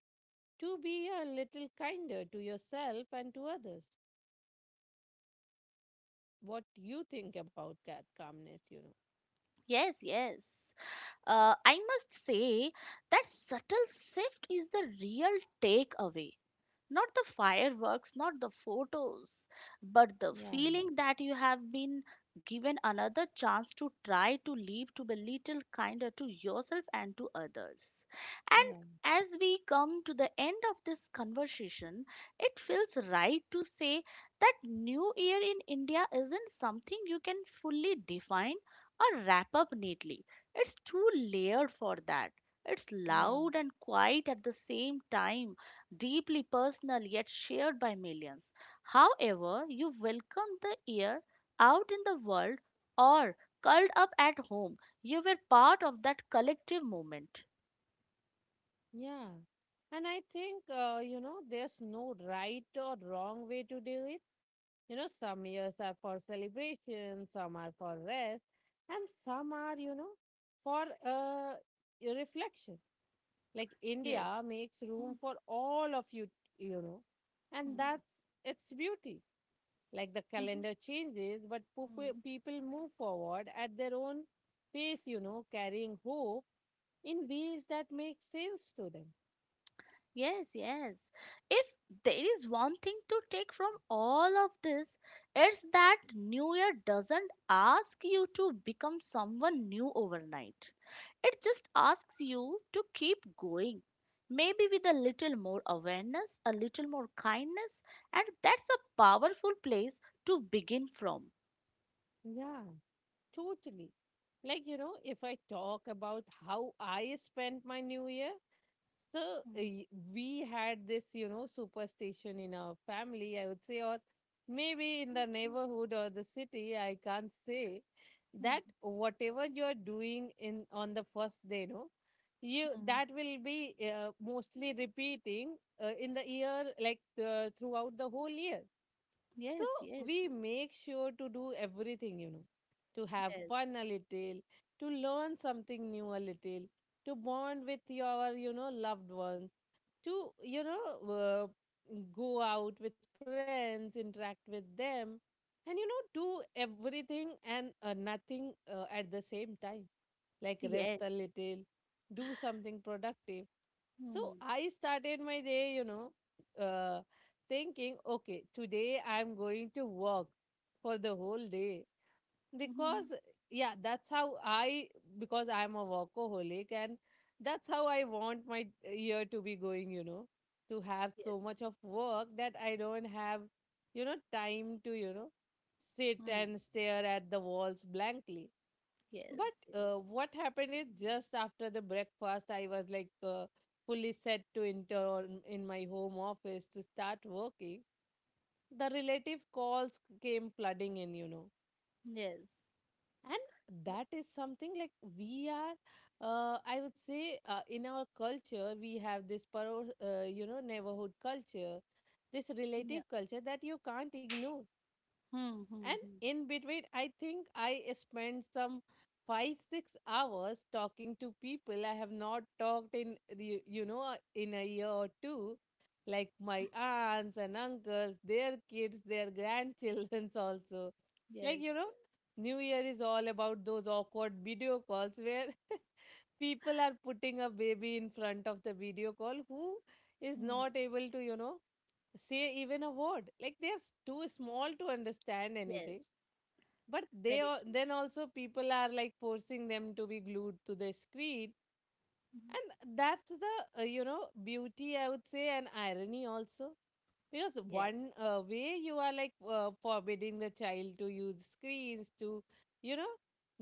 Speaker 2: to be a little kinder to yourself and to others. What you think about that calmness, you know?
Speaker 1: Yes, yes. I must say that subtle shift is the real takeaway. Not the fireworks, not the photos, but the
Speaker 2: Yeah,
Speaker 1: feeling that you have been given another chance to try to live, to be little kinder to yourself and to others. And
Speaker 2: yeah,
Speaker 1: as we come to the end of this conversation, it feels right to say that New Year in India isn't something you can fully define or wrap up neatly. It's too layered for that. It's
Speaker 2: yeah,
Speaker 1: loud and quiet at the same time deeply personal yet shared by millions. However, you welcomed the year out in the world or curled up at home, you were part of that collective moment.
Speaker 2: yeah. And I think, you know, there's no right or wrong way to do it. You know, some years are for celebration, some are for rest, and some are, for reflection. Like
Speaker 1: Yes.
Speaker 2: India makes room
Speaker 1: Mhm.
Speaker 2: for all of you, you know, and that's its beauty. Like the
Speaker 1: Mhm.
Speaker 2: calendar changes, but
Speaker 1: Mhm.
Speaker 2: people move forward at their own pace, you know, carrying hope in ways that make sense to them.
Speaker 1: Yes, yes. If there is one thing to take from all of this, it's that New Year doesn't ask you to become someone new overnight. It just asks you to keep going. Maybe with a little more awareness, a little more kindness, and that's a powerful place to begin from.
Speaker 2: Yeah, totally. Like, you know, if I talk about how I spent my new year, so
Speaker 1: Hmm,
Speaker 2: we had this, you know, superstition in our family, I would say, or maybe in the
Speaker 1: hmm,
Speaker 2: neighborhood or the city, I can't say
Speaker 1: hmm,
Speaker 2: that whatever you're doing in on the first day, no, you
Speaker 1: hmm.
Speaker 2: that will be mostly repeating in the year, like throughout the whole year. So
Speaker 1: Yes, yes,
Speaker 2: we make sure to do everything, you know, to have
Speaker 1: yes,
Speaker 2: fun a little, to learn something new a little, to bond with your, loved ones, to, uh, go out with friends, interact with them, and, you know, do everything and nothing at the same time. Like rest
Speaker 1: yes.
Speaker 2: a little, do something productive. So
Speaker 1: Hmm.
Speaker 2: I started my day, uh, thinking, okay, today I'm going to work for the whole day because,
Speaker 1: Hmm.
Speaker 2: yeah, that's how I, because I'm a workaholic and that's how I want my year to be going, you know, to have
Speaker 1: Yes,
Speaker 2: so much of work that I don't have, time to, sit
Speaker 1: hmm,
Speaker 2: and stare at the walls blankly.
Speaker 1: yes,
Speaker 2: But
Speaker 1: yes.
Speaker 2: what happened is just after the breakfast, I was like fully set to enter on, in my home office to start working. The relative calls came flooding in, you know,
Speaker 1: Yes.
Speaker 2: and that is something like we are. I would say in our culture we have this, you know, neighborhood culture, this
Speaker 1: Yeah.
Speaker 2: relative culture that you can't ignore.
Speaker 1: Hmm.
Speaker 2: And
Speaker 1: Hmm. Hmm.
Speaker 2: in between, I think I spent some 5, 6 hours talking to people I have not talked in, you know, in a year or two, like my aunts and uncles, their kids, their grandchildrens also. Like,
Speaker 1: Yes.
Speaker 2: you know, New Year is all about those awkward video calls where people are putting a baby in front of the video call who is
Speaker 1: Hmm.
Speaker 2: not able to, you know, say even a word. Like they're too small to understand
Speaker 1: Yes.
Speaker 2: anything. But they
Speaker 1: Very
Speaker 2: are,
Speaker 1: true.
Speaker 2: then also people are like forcing them to be glued to the screen.
Speaker 1: Mhm.
Speaker 2: And that's the, you know, beauty, I would say, and irony also. Because
Speaker 1: Yes.
Speaker 2: one way you are like forbidding the child to use screens to, you know,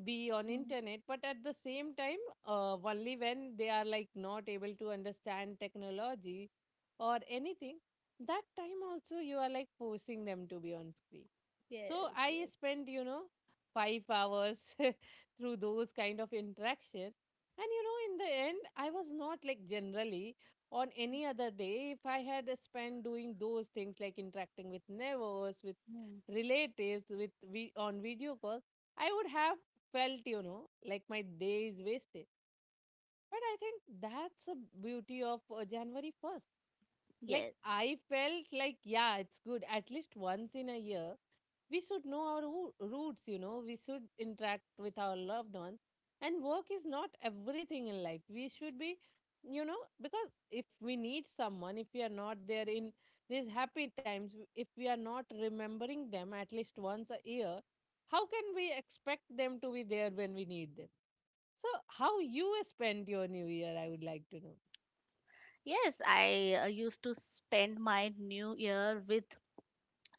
Speaker 2: be on
Speaker 1: Hmm.
Speaker 2: internet. But at the same time, only when they are like not able to understand technology or anything, that time also you are like forcing them to be on screen. So
Speaker 1: Yes,
Speaker 2: I
Speaker 1: yes.
Speaker 2: spent, you know, 5 hours through those kind of interaction. And you know, in the end, I was not like generally on any other day. If I had spent doing those things like interacting with neighbors, with
Speaker 1: Hmm.
Speaker 2: relatives, with we on video calls, I would have felt, you know, like my day is wasted. But I think that's the beauty of january 1st. Like
Speaker 1: Yes.
Speaker 2: I felt like, yeah, it's good. At least once in a year we should know our roots, you know. We should interact with our loved ones, and work is not everything in life. We should be, you know, because if we need someone, if we are not there in these happy times, if we are not remembering them at least once a year, how can we expect them to be there when we need them? So how you spend your new year, I would like to know.
Speaker 1: Yes, I used to spend my new year with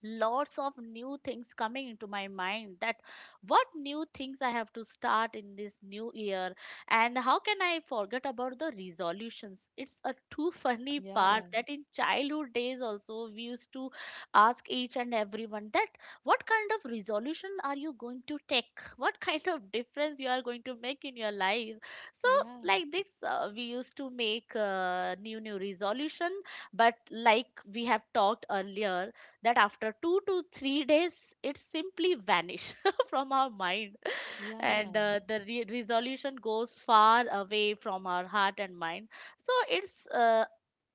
Speaker 1: lots of new things coming into my mind that what new things I have to start in this new year, and how can I forget about the resolutions? It's a too funny part
Speaker 2: Yeah.
Speaker 1: that in childhood days also we used to ask each and everyone that what kind of resolution are you going to take? What kind of difference you are going to make in your life? So
Speaker 2: Yeah.
Speaker 1: like this, we used to make new resolution. But like we have talked earlier, that after 2 to 3 days it simply vanished from our mind. And
Speaker 2: Yeah.
Speaker 1: the resolution goes far away from our heart and mind. So it's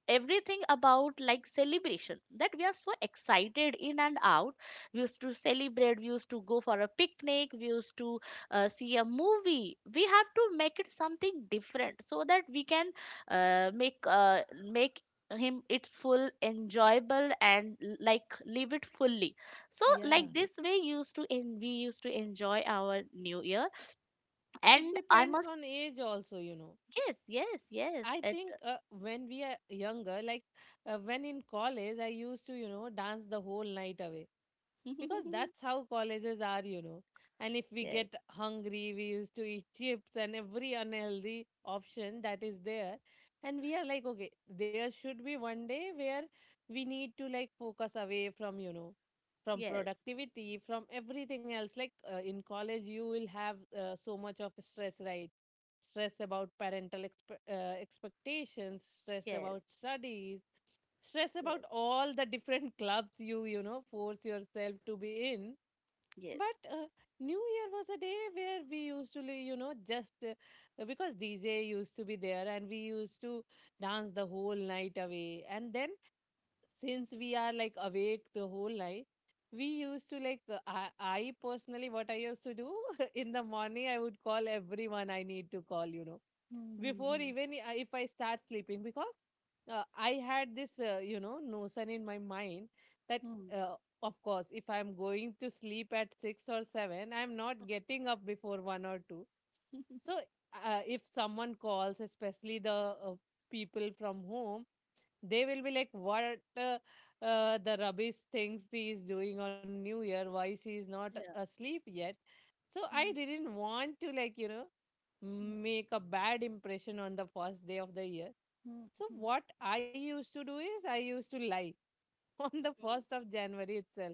Speaker 1: everything about like celebration that we are so excited in and out. We used to celebrate, we used to go for a picnic, we used to see a movie. We have to make it something different so that we can uh, make uh, make him it full enjoyable and like live it fully. So
Speaker 2: Yeah.
Speaker 1: like this way, we used to enjoy our new year.
Speaker 2: It
Speaker 1: And I
Speaker 2: depends
Speaker 1: must.
Speaker 2: on age also, you know.
Speaker 1: Yes, yes, yes,
Speaker 2: I
Speaker 1: it.
Speaker 2: think when we are younger, like when in college, I used to, you know, dance the whole night away, because that's how colleges are, you know. And if we
Speaker 1: Yes,
Speaker 2: get hungry, we used to eat chips and every unhealthy option that is there. And we are like, okay, there should be one day where we need to like focus away from, you know, from
Speaker 1: yes,
Speaker 2: productivity, from everything else. Like in college, you will have so much of stress, right? Stress about parental expectations, stress
Speaker 1: yes,
Speaker 2: about studies, stress about
Speaker 1: yes,
Speaker 2: all the different clubs you you know force yourself to be in.
Speaker 1: yes.
Speaker 2: But new year was a day where we used to you know just because dj used to be there and we used to dance the whole night away. And then since we are like awake the whole night, we used to like I personally what I used to do, in the morning I would call everyone I need to call, you know, before
Speaker 1: Mm-hmm.
Speaker 2: if I start sleeping, because I had this, you know, notion in my mind that,
Speaker 1: Mm-hmm.
Speaker 2: uh, of course, if I'm going to sleep at six or seven, I'm not getting up before one or two. So if someone calls, especially the people from home, they will be like, what, uh, the rubbish things he is doing on New Year? Why she is not
Speaker 1: Yeah.
Speaker 2: asleep yet? So I
Speaker 1: Mm,
Speaker 2: didn't want to like, you know,
Speaker 1: mm, mm,
Speaker 2: make a bad impression on the first day of the year.
Speaker 1: mm.
Speaker 2: So
Speaker 1: Mm.
Speaker 2: what I used to do is I used to lie on the 1st of January itself.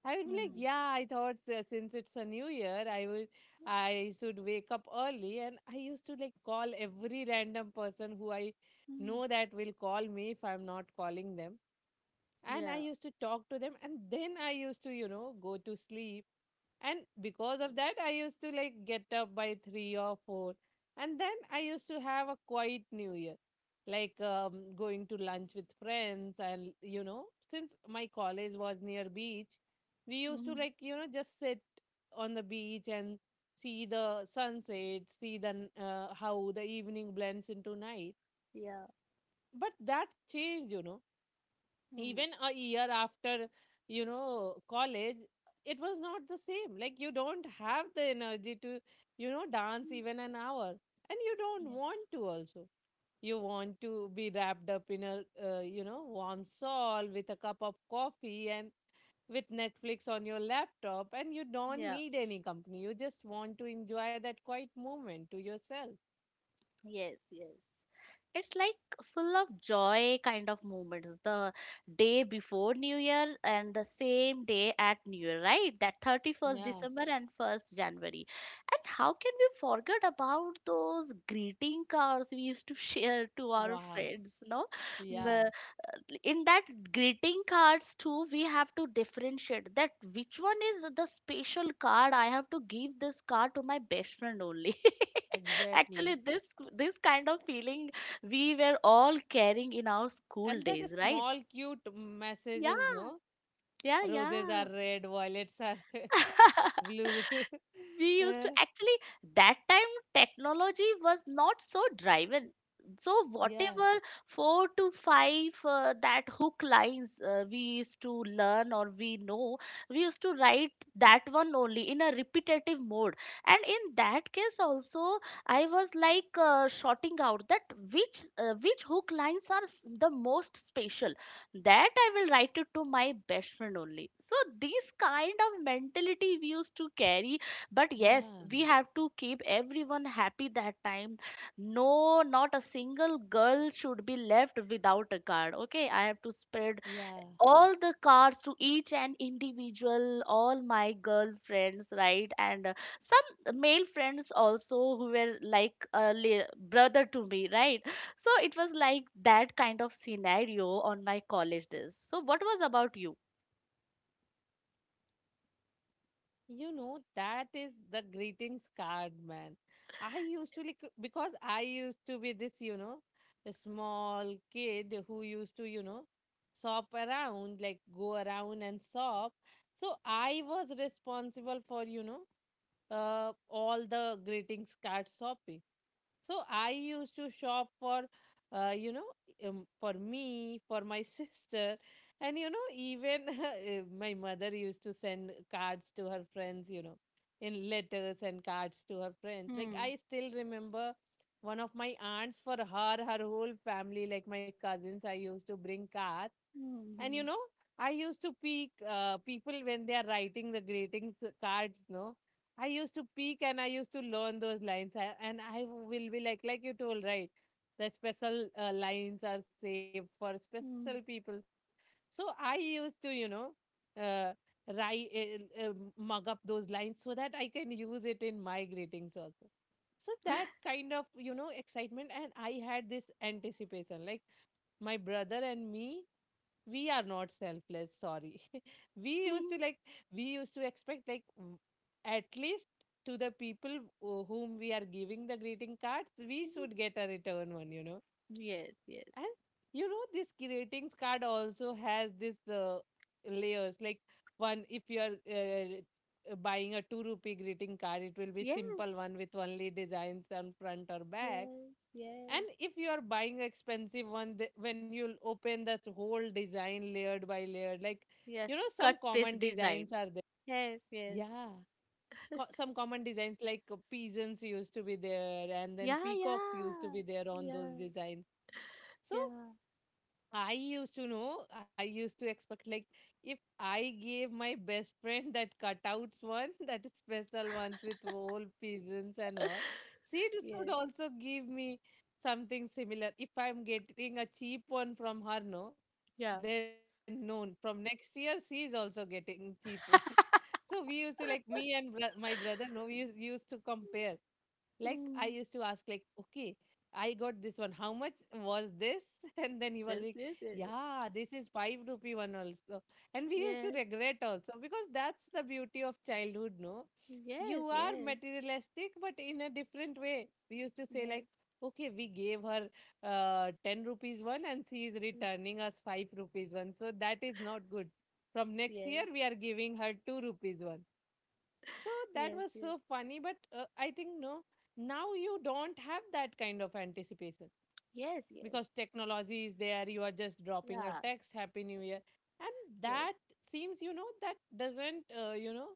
Speaker 2: I would be like, yeah, I thought since it's a new year, I should wake up early. And I used to like call every random person who I
Speaker 1: Mm, mm.
Speaker 2: know that will call me if I'm not calling them. And I
Speaker 1: Yeah.
Speaker 2: used to talk to them, and then I used to, you know, go to sleep. And because of that, I used to like get up by 3 or 4, and then I used to have a quiet new year, like going to lunch with friends. And you know, since my college was near beach, we used to
Speaker 1: Mm.
Speaker 2: like, you know, just sit on the beach and see the sunset, see how the evening blends into night.
Speaker 1: Yeah.
Speaker 2: But that changed, you know,
Speaker 1: Mm.
Speaker 2: even a year after, you know, college. It was not the same. Like you don't have the energy to, you know, dance even an hour, and you don't
Speaker 1: Yes.
Speaker 2: want to also. You want to be wrapped up in a you know warm shawl with a cup of coffee and with netflix on your laptop, and you don't
Speaker 1: Yeah.
Speaker 2: need any company. You just want to enjoy that quiet moment to yourself.
Speaker 1: Yes, yes. It's like full of joy kind of moments, the day before new year and the same day at new year, right? That 31st
Speaker 2: Yeah.
Speaker 1: December and 1st January. And how can we forget about those greeting cards we used to share to our
Speaker 2: Wow.
Speaker 1: friends, no? Mm.
Speaker 2: Yeah.
Speaker 1: In that greeting cards too, we have to differentiate that which one is the special card. I have to give this card to my best friend only. Actually,
Speaker 2: Exactly.
Speaker 1: this kind of feeling we were all carrying in our school
Speaker 2: And that a
Speaker 1: days, right?
Speaker 2: small cute
Speaker 1: Yeah,
Speaker 2: messages, no?
Speaker 1: yeah,
Speaker 2: Roses are
Speaker 1: yeah.
Speaker 2: red, violets are blue.
Speaker 1: We used
Speaker 2: Uh,
Speaker 1: to actually, that time technology was not so driven, so
Speaker 2: yeah,
Speaker 1: whatever four to five that hook lines we used to learn or we know. We used to write that one only in a repetitive mode. And in that case also, I was like sorting out that which hook lines are the most special, that I will write it to my best friend only. So these kind of mentality we used to carry, but yes,
Speaker 2: yeah,
Speaker 1: we have to keep everyone happy that time. No, not a single girl should be left without a card. Okay, I have to spread
Speaker 2: yeah.
Speaker 1: all the cards to each and individual, all my girlfriends, right? And some male friends also who were like a brother to me, right? So it was like that kind of scenario on my college days. So what was about you?
Speaker 2: You know, that is the greetings card, man. I used to, like, because I used to be this, you know, a small kid who used to, you know, shop around, like go around and shop. So I was responsible for, you know, all the greetings cards shopping. So I used to shop for, you know, for me, for my sister, and you know, even my mother used to send cards to her friends, you know, in letters and cards to her friends. Like
Speaker 1: Hmm.
Speaker 2: I still remember one of my aunts, for her, her whole family, like my cousins, I used to bring cards. And you
Speaker 1: Hmm.
Speaker 2: know, I used to peek people when they are writing the greetings cards, no? I used to peek and I used to learn those lines. And I will be like you told, right? The special lines are saved for special people.
Speaker 1: Hmm.
Speaker 2: So I used to, you know, uh, write, uh, uh, mug up those lines so that I can use it in my greetings also. So that kind of, you know, excitement. And I had this anticipation. Like my brother and me, we are not selfless, sorry. We used to
Speaker 1: Hmm.
Speaker 2: like, we used to expect like at least to the people whom we are giving the greeting cards, we should get a return one, you know.
Speaker 1: Yes, yes,
Speaker 2: And you know, this ratings card also has this layers. Like one, if you are buying a two rupee greeting card, it will be
Speaker 1: yes,
Speaker 2: simple one with only designs on front or back.
Speaker 1: yes,
Speaker 2: And
Speaker 1: yes,
Speaker 2: if you are buying expensive one, when you'll open the whole design layered by layered, like
Speaker 1: yes,
Speaker 2: you know, some
Speaker 1: cut
Speaker 2: common
Speaker 1: paste design,
Speaker 2: designs are there.
Speaker 1: yes, yes,
Speaker 2: Yeah. Some common designs like pigeons used to be there, and then
Speaker 1: yeah,
Speaker 2: peacocks used to
Speaker 1: yeah,
Speaker 2: be there on
Speaker 1: yeah,
Speaker 2: those designs. So
Speaker 1: yeah,
Speaker 2: I used to know, I used to expect like if I gave my best friend that cutouts one, that special ones with whole pigeons and all, she should
Speaker 1: yes,
Speaker 2: also give me something similar. If I'm getting a cheap one from her, no,
Speaker 1: yeah.
Speaker 2: then no, from next year she is also getting cheap one. So we used to like me and my brother, no, we used to compare like I
Speaker 1: Mm.
Speaker 2: used to ask like, okay, I got this one, how much was this? And then he was
Speaker 1: Yes,
Speaker 2: like,
Speaker 1: yes, yes,
Speaker 2: yeah, this is 5 rupee one also. And we used to
Speaker 1: yes,
Speaker 2: regret also, because that's the beauty of childhood, no? You
Speaker 1: yes,
Speaker 2: are
Speaker 1: yes,
Speaker 2: materialistic but in a different way. We used to say like, okay, we gave her 10 rupees one and she is returning us 5 rupees one, so that is not good. From next year
Speaker 1: yes,
Speaker 2: we are giving her 2 rupees one. So that
Speaker 1: yes, yes,
Speaker 2: was
Speaker 1: yes,
Speaker 2: so funny. But I think, no, now you don't have that kind of anticipation,
Speaker 1: yes, yes.
Speaker 2: because technology is there. You are just dropping a
Speaker 1: Yeah,
Speaker 2: text, Happy New Year. And
Speaker 1: yes.
Speaker 2: that seems, you know, that doesn't, you know,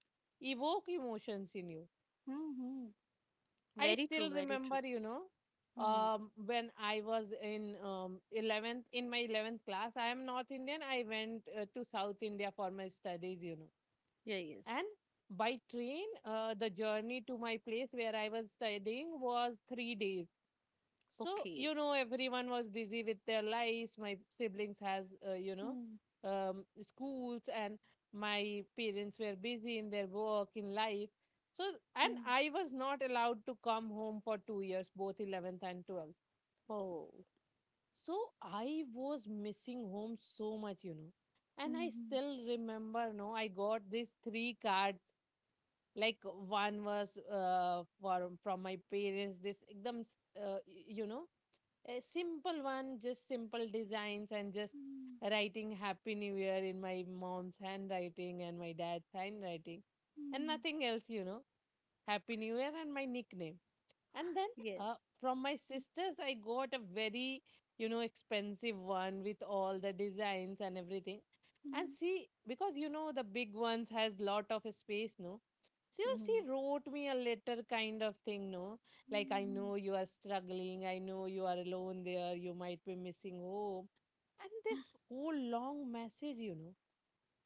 Speaker 2: evoke emotions in you.
Speaker 1: Mm-hmm.
Speaker 2: I
Speaker 1: Very true,
Speaker 2: still
Speaker 1: very true.
Speaker 2: remember, you know,
Speaker 1: Mm.
Speaker 2: when I was in 11th, in my 11th class, I am North Indian. I went to South India for my studies, you know.
Speaker 1: Yeah, yes.
Speaker 2: And by train, the journey to my place where I was studying was 3 days. So
Speaker 1: Okay.
Speaker 2: you know, everyone was busy with their lives. My siblings has you know,
Speaker 1: Mm.
Speaker 2: schools, and my parents were busy in their work in life. So and
Speaker 1: Mm.
Speaker 2: I was not allowed to come home for 2 years, both eleventh and twelfth.
Speaker 1: Oh.
Speaker 2: So I was missing home so much, you know. And I
Speaker 1: Mm-hmm.
Speaker 2: still remember, no, I got these three cards. Like one was for from my parents, this ekdam you know, a simple one, just simple designs and just
Speaker 1: Mm.
Speaker 2: writing happy new year in my mom's handwriting and my dad's handwriting, and
Speaker 1: Mm.
Speaker 2: nothing else, you know. Happy new year and my nickname. And then
Speaker 1: Yes.
Speaker 2: from my sisters I got a very, you know, expensive one with all the designs and everything. And
Speaker 1: Mm-hmm.
Speaker 2: see, because you know the big ones has lot of space, no?
Speaker 1: Mm-hmm.
Speaker 2: Seriously wrote me a letter kind of thing, no? Like, I
Speaker 1: Mm-hmm.
Speaker 2: know you are struggling, I know you are alone there, you might be missing home. And this whole long message, you know,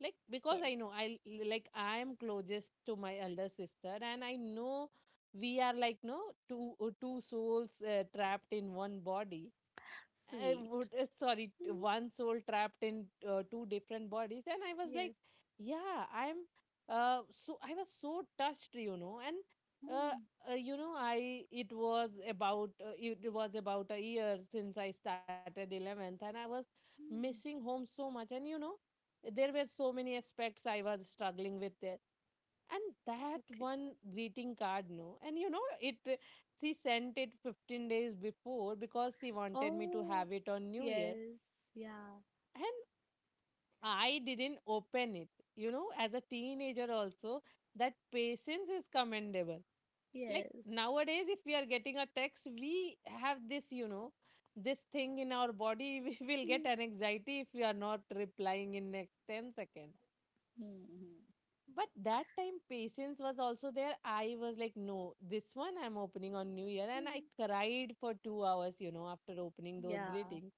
Speaker 2: like, because I
Speaker 1: Yes.
Speaker 2: know I, like I am closest to my elder sister, and I know we are like, no, two souls trapped in one body. I
Speaker 1: Sweet.
Speaker 2: would, sorry,
Speaker 1: Mm.
Speaker 2: one soul trapped in two different bodies. And I was like,
Speaker 1: Yes.
Speaker 2: yeah, I'm, so I was so touched, you know, and, uh,
Speaker 1: Mm.
Speaker 2: you know, I, it was about, it was about a year since I started 11th and I was missing
Speaker 1: Mm.
Speaker 2: home so much. And, you know, there were so many aspects I was struggling with there, and that
Speaker 1: Okay.
Speaker 2: one greeting card, no, and you know it, she sent it 15 days before because she wanted me to
Speaker 1: Oh.
Speaker 2: have it on New Year.
Speaker 1: Yes. Yeah.
Speaker 2: And I didn't open it. You know, as a teenager, also, that patience is commendable. Like
Speaker 1: Yes.
Speaker 2: nowadays, if we are getting a text, we have this, you know, this thing in our body. We will get an anxiety if we are not replying in next 10 seconds.
Speaker 1: Mm-hmm.
Speaker 2: But that time patience was also there. I was like, no, this one I'm opening on New Year. And I
Speaker 1: Mm.
Speaker 2: cried for 2 hours, you know, after opening those
Speaker 1: Yeah.
Speaker 2: greetings.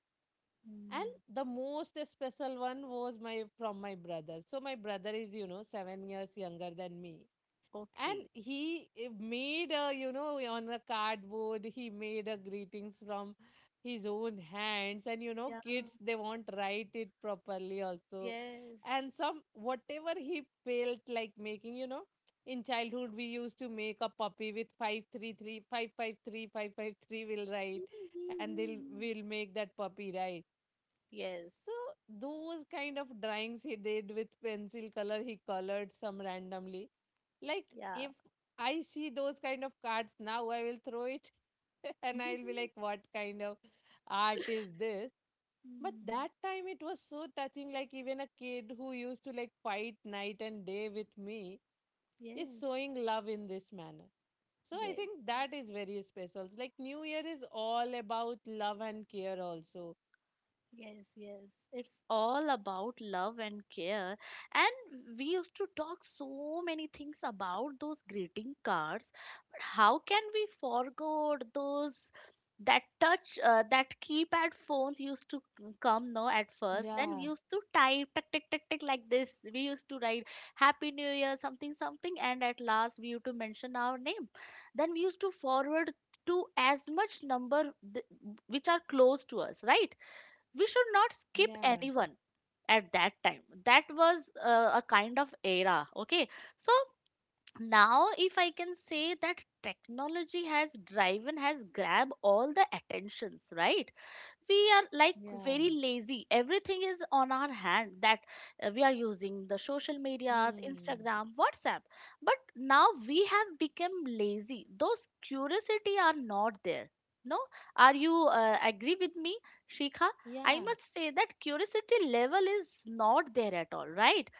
Speaker 2: And
Speaker 1: Mm.
Speaker 2: the most special one was my from my brother. So my brother is, you know, 7 years younger than me, and
Speaker 1: Okay.
Speaker 2: made a, you know, on a cardboard, he made a greetings from his own hands, and you know,
Speaker 1: Yeah.
Speaker 2: kids, they won't write it properly also,
Speaker 1: Yes.
Speaker 2: and some, whatever he felt like making, you know. In childhood, we used to make a puppy with 5 3 3 5 5 3 5 5 3. 553 will write, and they'll will make that puppy, right?
Speaker 1: Yes.
Speaker 2: So those kind of drawings he did with pencil color, he colored some randomly. Like
Speaker 1: Yeah.
Speaker 2: if I see those kind of cards now, I will throw it, and I'll be like, what kind of art is this? But
Speaker 1: Mm.
Speaker 2: that time it was so touching, like even a kid who used to like fight night and day with me is
Speaker 1: Yes.
Speaker 2: showing love in this manner. So I
Speaker 1: Yes.
Speaker 2: think that is very special. It's like New Year is all about love and care also.
Speaker 1: Yes, yes. It's all about love and care. And we used to talk so many things about those greeting cards. But how can we forget those, that touch, that keypad phones used to come, no, at first? Then we
Speaker 2: Yeah,
Speaker 1: used to type tick tick tick tick, like this we used to write happy new year something something, and at last we used to mention our name. Then we used to forward to as much number th- which are close to us, right? We should not skip
Speaker 2: yeah.
Speaker 1: anyone. At that time, that was a kind of era. Okay. So now, if I can say that technology has driven, has grabbed all the attentions, right? We are like
Speaker 2: Yeah.
Speaker 1: very lazy, everything is on our hand. That we are using the social medias,
Speaker 2: Hmm.
Speaker 1: Instagram, WhatsApp. But now we have become lazy, those curiosity are not there, no? Are you agree with me, Shikha? I
Speaker 2: Yeah.
Speaker 1: must say that curiosity level is not there at all, right?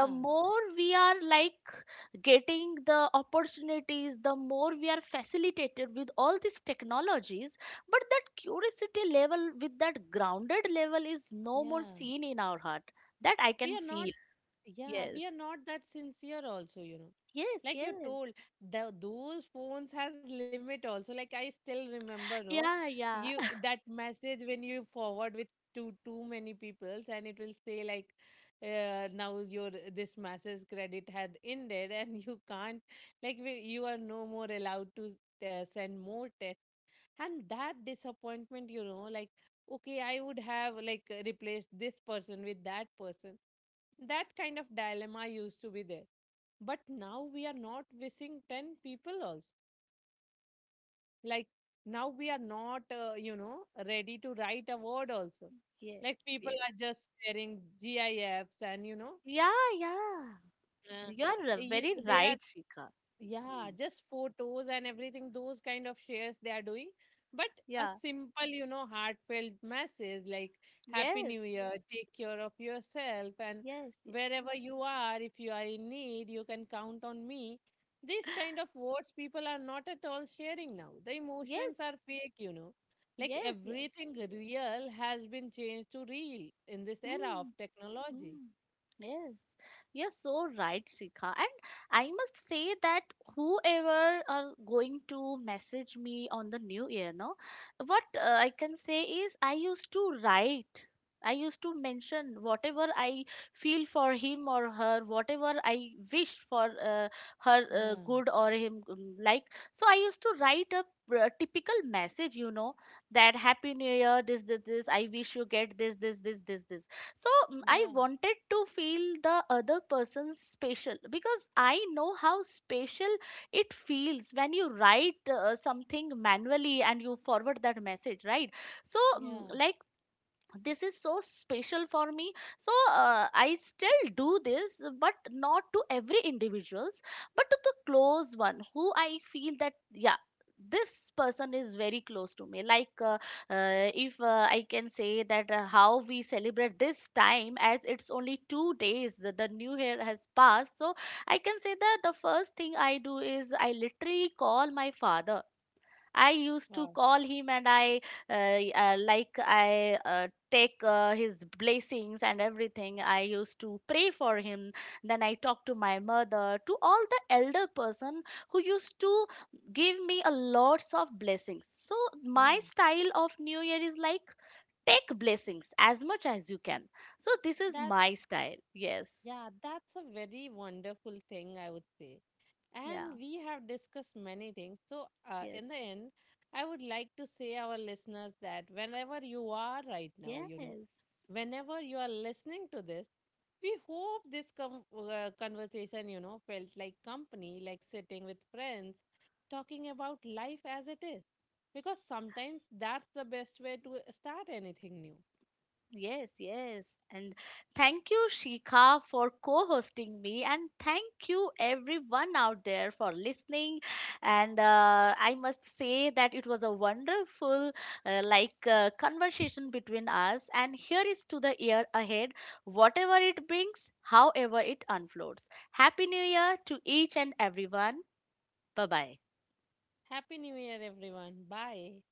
Speaker 1: The more we are like getting the opportunities, the more we are facilitated with all these technologies, but that curiosity level with that grounded level is no more
Speaker 2: Yeah.
Speaker 1: seen in our heart, that I
Speaker 2: We
Speaker 1: can
Speaker 2: are not,
Speaker 1: feel.
Speaker 2: yeah,
Speaker 1: Yes,
Speaker 2: we are not that sincere also, you know.
Speaker 1: yes,
Speaker 2: Like you
Speaker 1: yes,
Speaker 2: told, the those phones has limit also. Like I still remember, no,
Speaker 1: yeah,
Speaker 2: you
Speaker 1: yeah.
Speaker 2: that message when you forward with too many peoples, and it will say like, now your this message credit had ended, and you can't, like you are no more allowed to send more. And that disappointment, you know, like, okay, I would have like, replaced this person with that person. That kind of dilemma used to be there, but now we are not missing 10 people also. Like now we are not, you know, ready to write a word also.
Speaker 1: Yes,
Speaker 2: Like people
Speaker 1: yes,
Speaker 2: are just sharing gifs, and you know,
Speaker 1: yeah, yeah.
Speaker 2: uh,
Speaker 1: You are very
Speaker 2: they are—
Speaker 1: right, Shika.
Speaker 2: Yeah,
Speaker 1: Hmm.
Speaker 2: just photos and everything, those kind of shares they are doing. But a
Speaker 1: Yeah,
Speaker 2: simple, you know, heartfelt message like Happy
Speaker 1: yes,
Speaker 2: New Year, yeah, take care of yourself, and
Speaker 1: yes, yes,
Speaker 2: wherever you are, if you are in need, you can count on me. This kind of words people are not at all sharing now. The emotions
Speaker 1: yes,
Speaker 2: are fake, you know. Like
Speaker 1: yes, yes.
Speaker 2: everything real has been changed to real in this era
Speaker 1: Hmm.
Speaker 2: of technology.
Speaker 1: Hmm. Yes, you're so right, Srika. And I must say that whoever are going to message me on the new year, no, what I can say is, I used to write. I used to mention whatever I feel for him or her, whatever I wish for her
Speaker 2: Yeah.
Speaker 1: good or him like. So I used to write a typical message, you know, that Happy New Year, this, this, this. I wish you get this, this, this, this, this. So I
Speaker 2: Yeah.
Speaker 1: wanted to feel the other person's special, because I know how special it feels when you write something manually and you forward that message, right? So
Speaker 2: Yeah.
Speaker 1: like, this is so special for me. So I still do this, but not to every individuals, but to the close one who I feel that, yeah, this person is very close to me, like. If I can say that how we celebrate this time, as it's only 2 days that the new year has passed, so I can say that the first thing I do is I literally call my father. I used to
Speaker 2: Wow.
Speaker 1: call him and I like I take his blessings and everything. I used to pray for him. Then I talked to my mother, to all the elder person who used to give me a lots of blessings. So my
Speaker 2: Yeah.
Speaker 1: style of New Year is like, take blessings as much as you can. So this is
Speaker 2: That's
Speaker 1: my style. Yes.
Speaker 2: Yeah, that's a very wonderful thing, I would say.
Speaker 1: Yeah.
Speaker 2: And we have discussed many things. So,
Speaker 1: Yes.
Speaker 2: in the end, I would like to say our listeners that whenever you are right now, you know,
Speaker 1: Yes.
Speaker 2: whenever you are listening to this, we hope this conversation, you know, felt like company, like sitting with friends, talking about life as it is. Because sometimes that's the best way to start anything new.
Speaker 1: Yes, yes. And thank you, Shika, for co hosting me. And thank you, everyone out there, for listening. And I must say that it was a wonderful, like, conversation between us. And here is to the year ahead, whatever it brings, however it unfolds. Happy New Year to each and everyone. Bye bye.
Speaker 2: Happy New Year, everyone. Bye.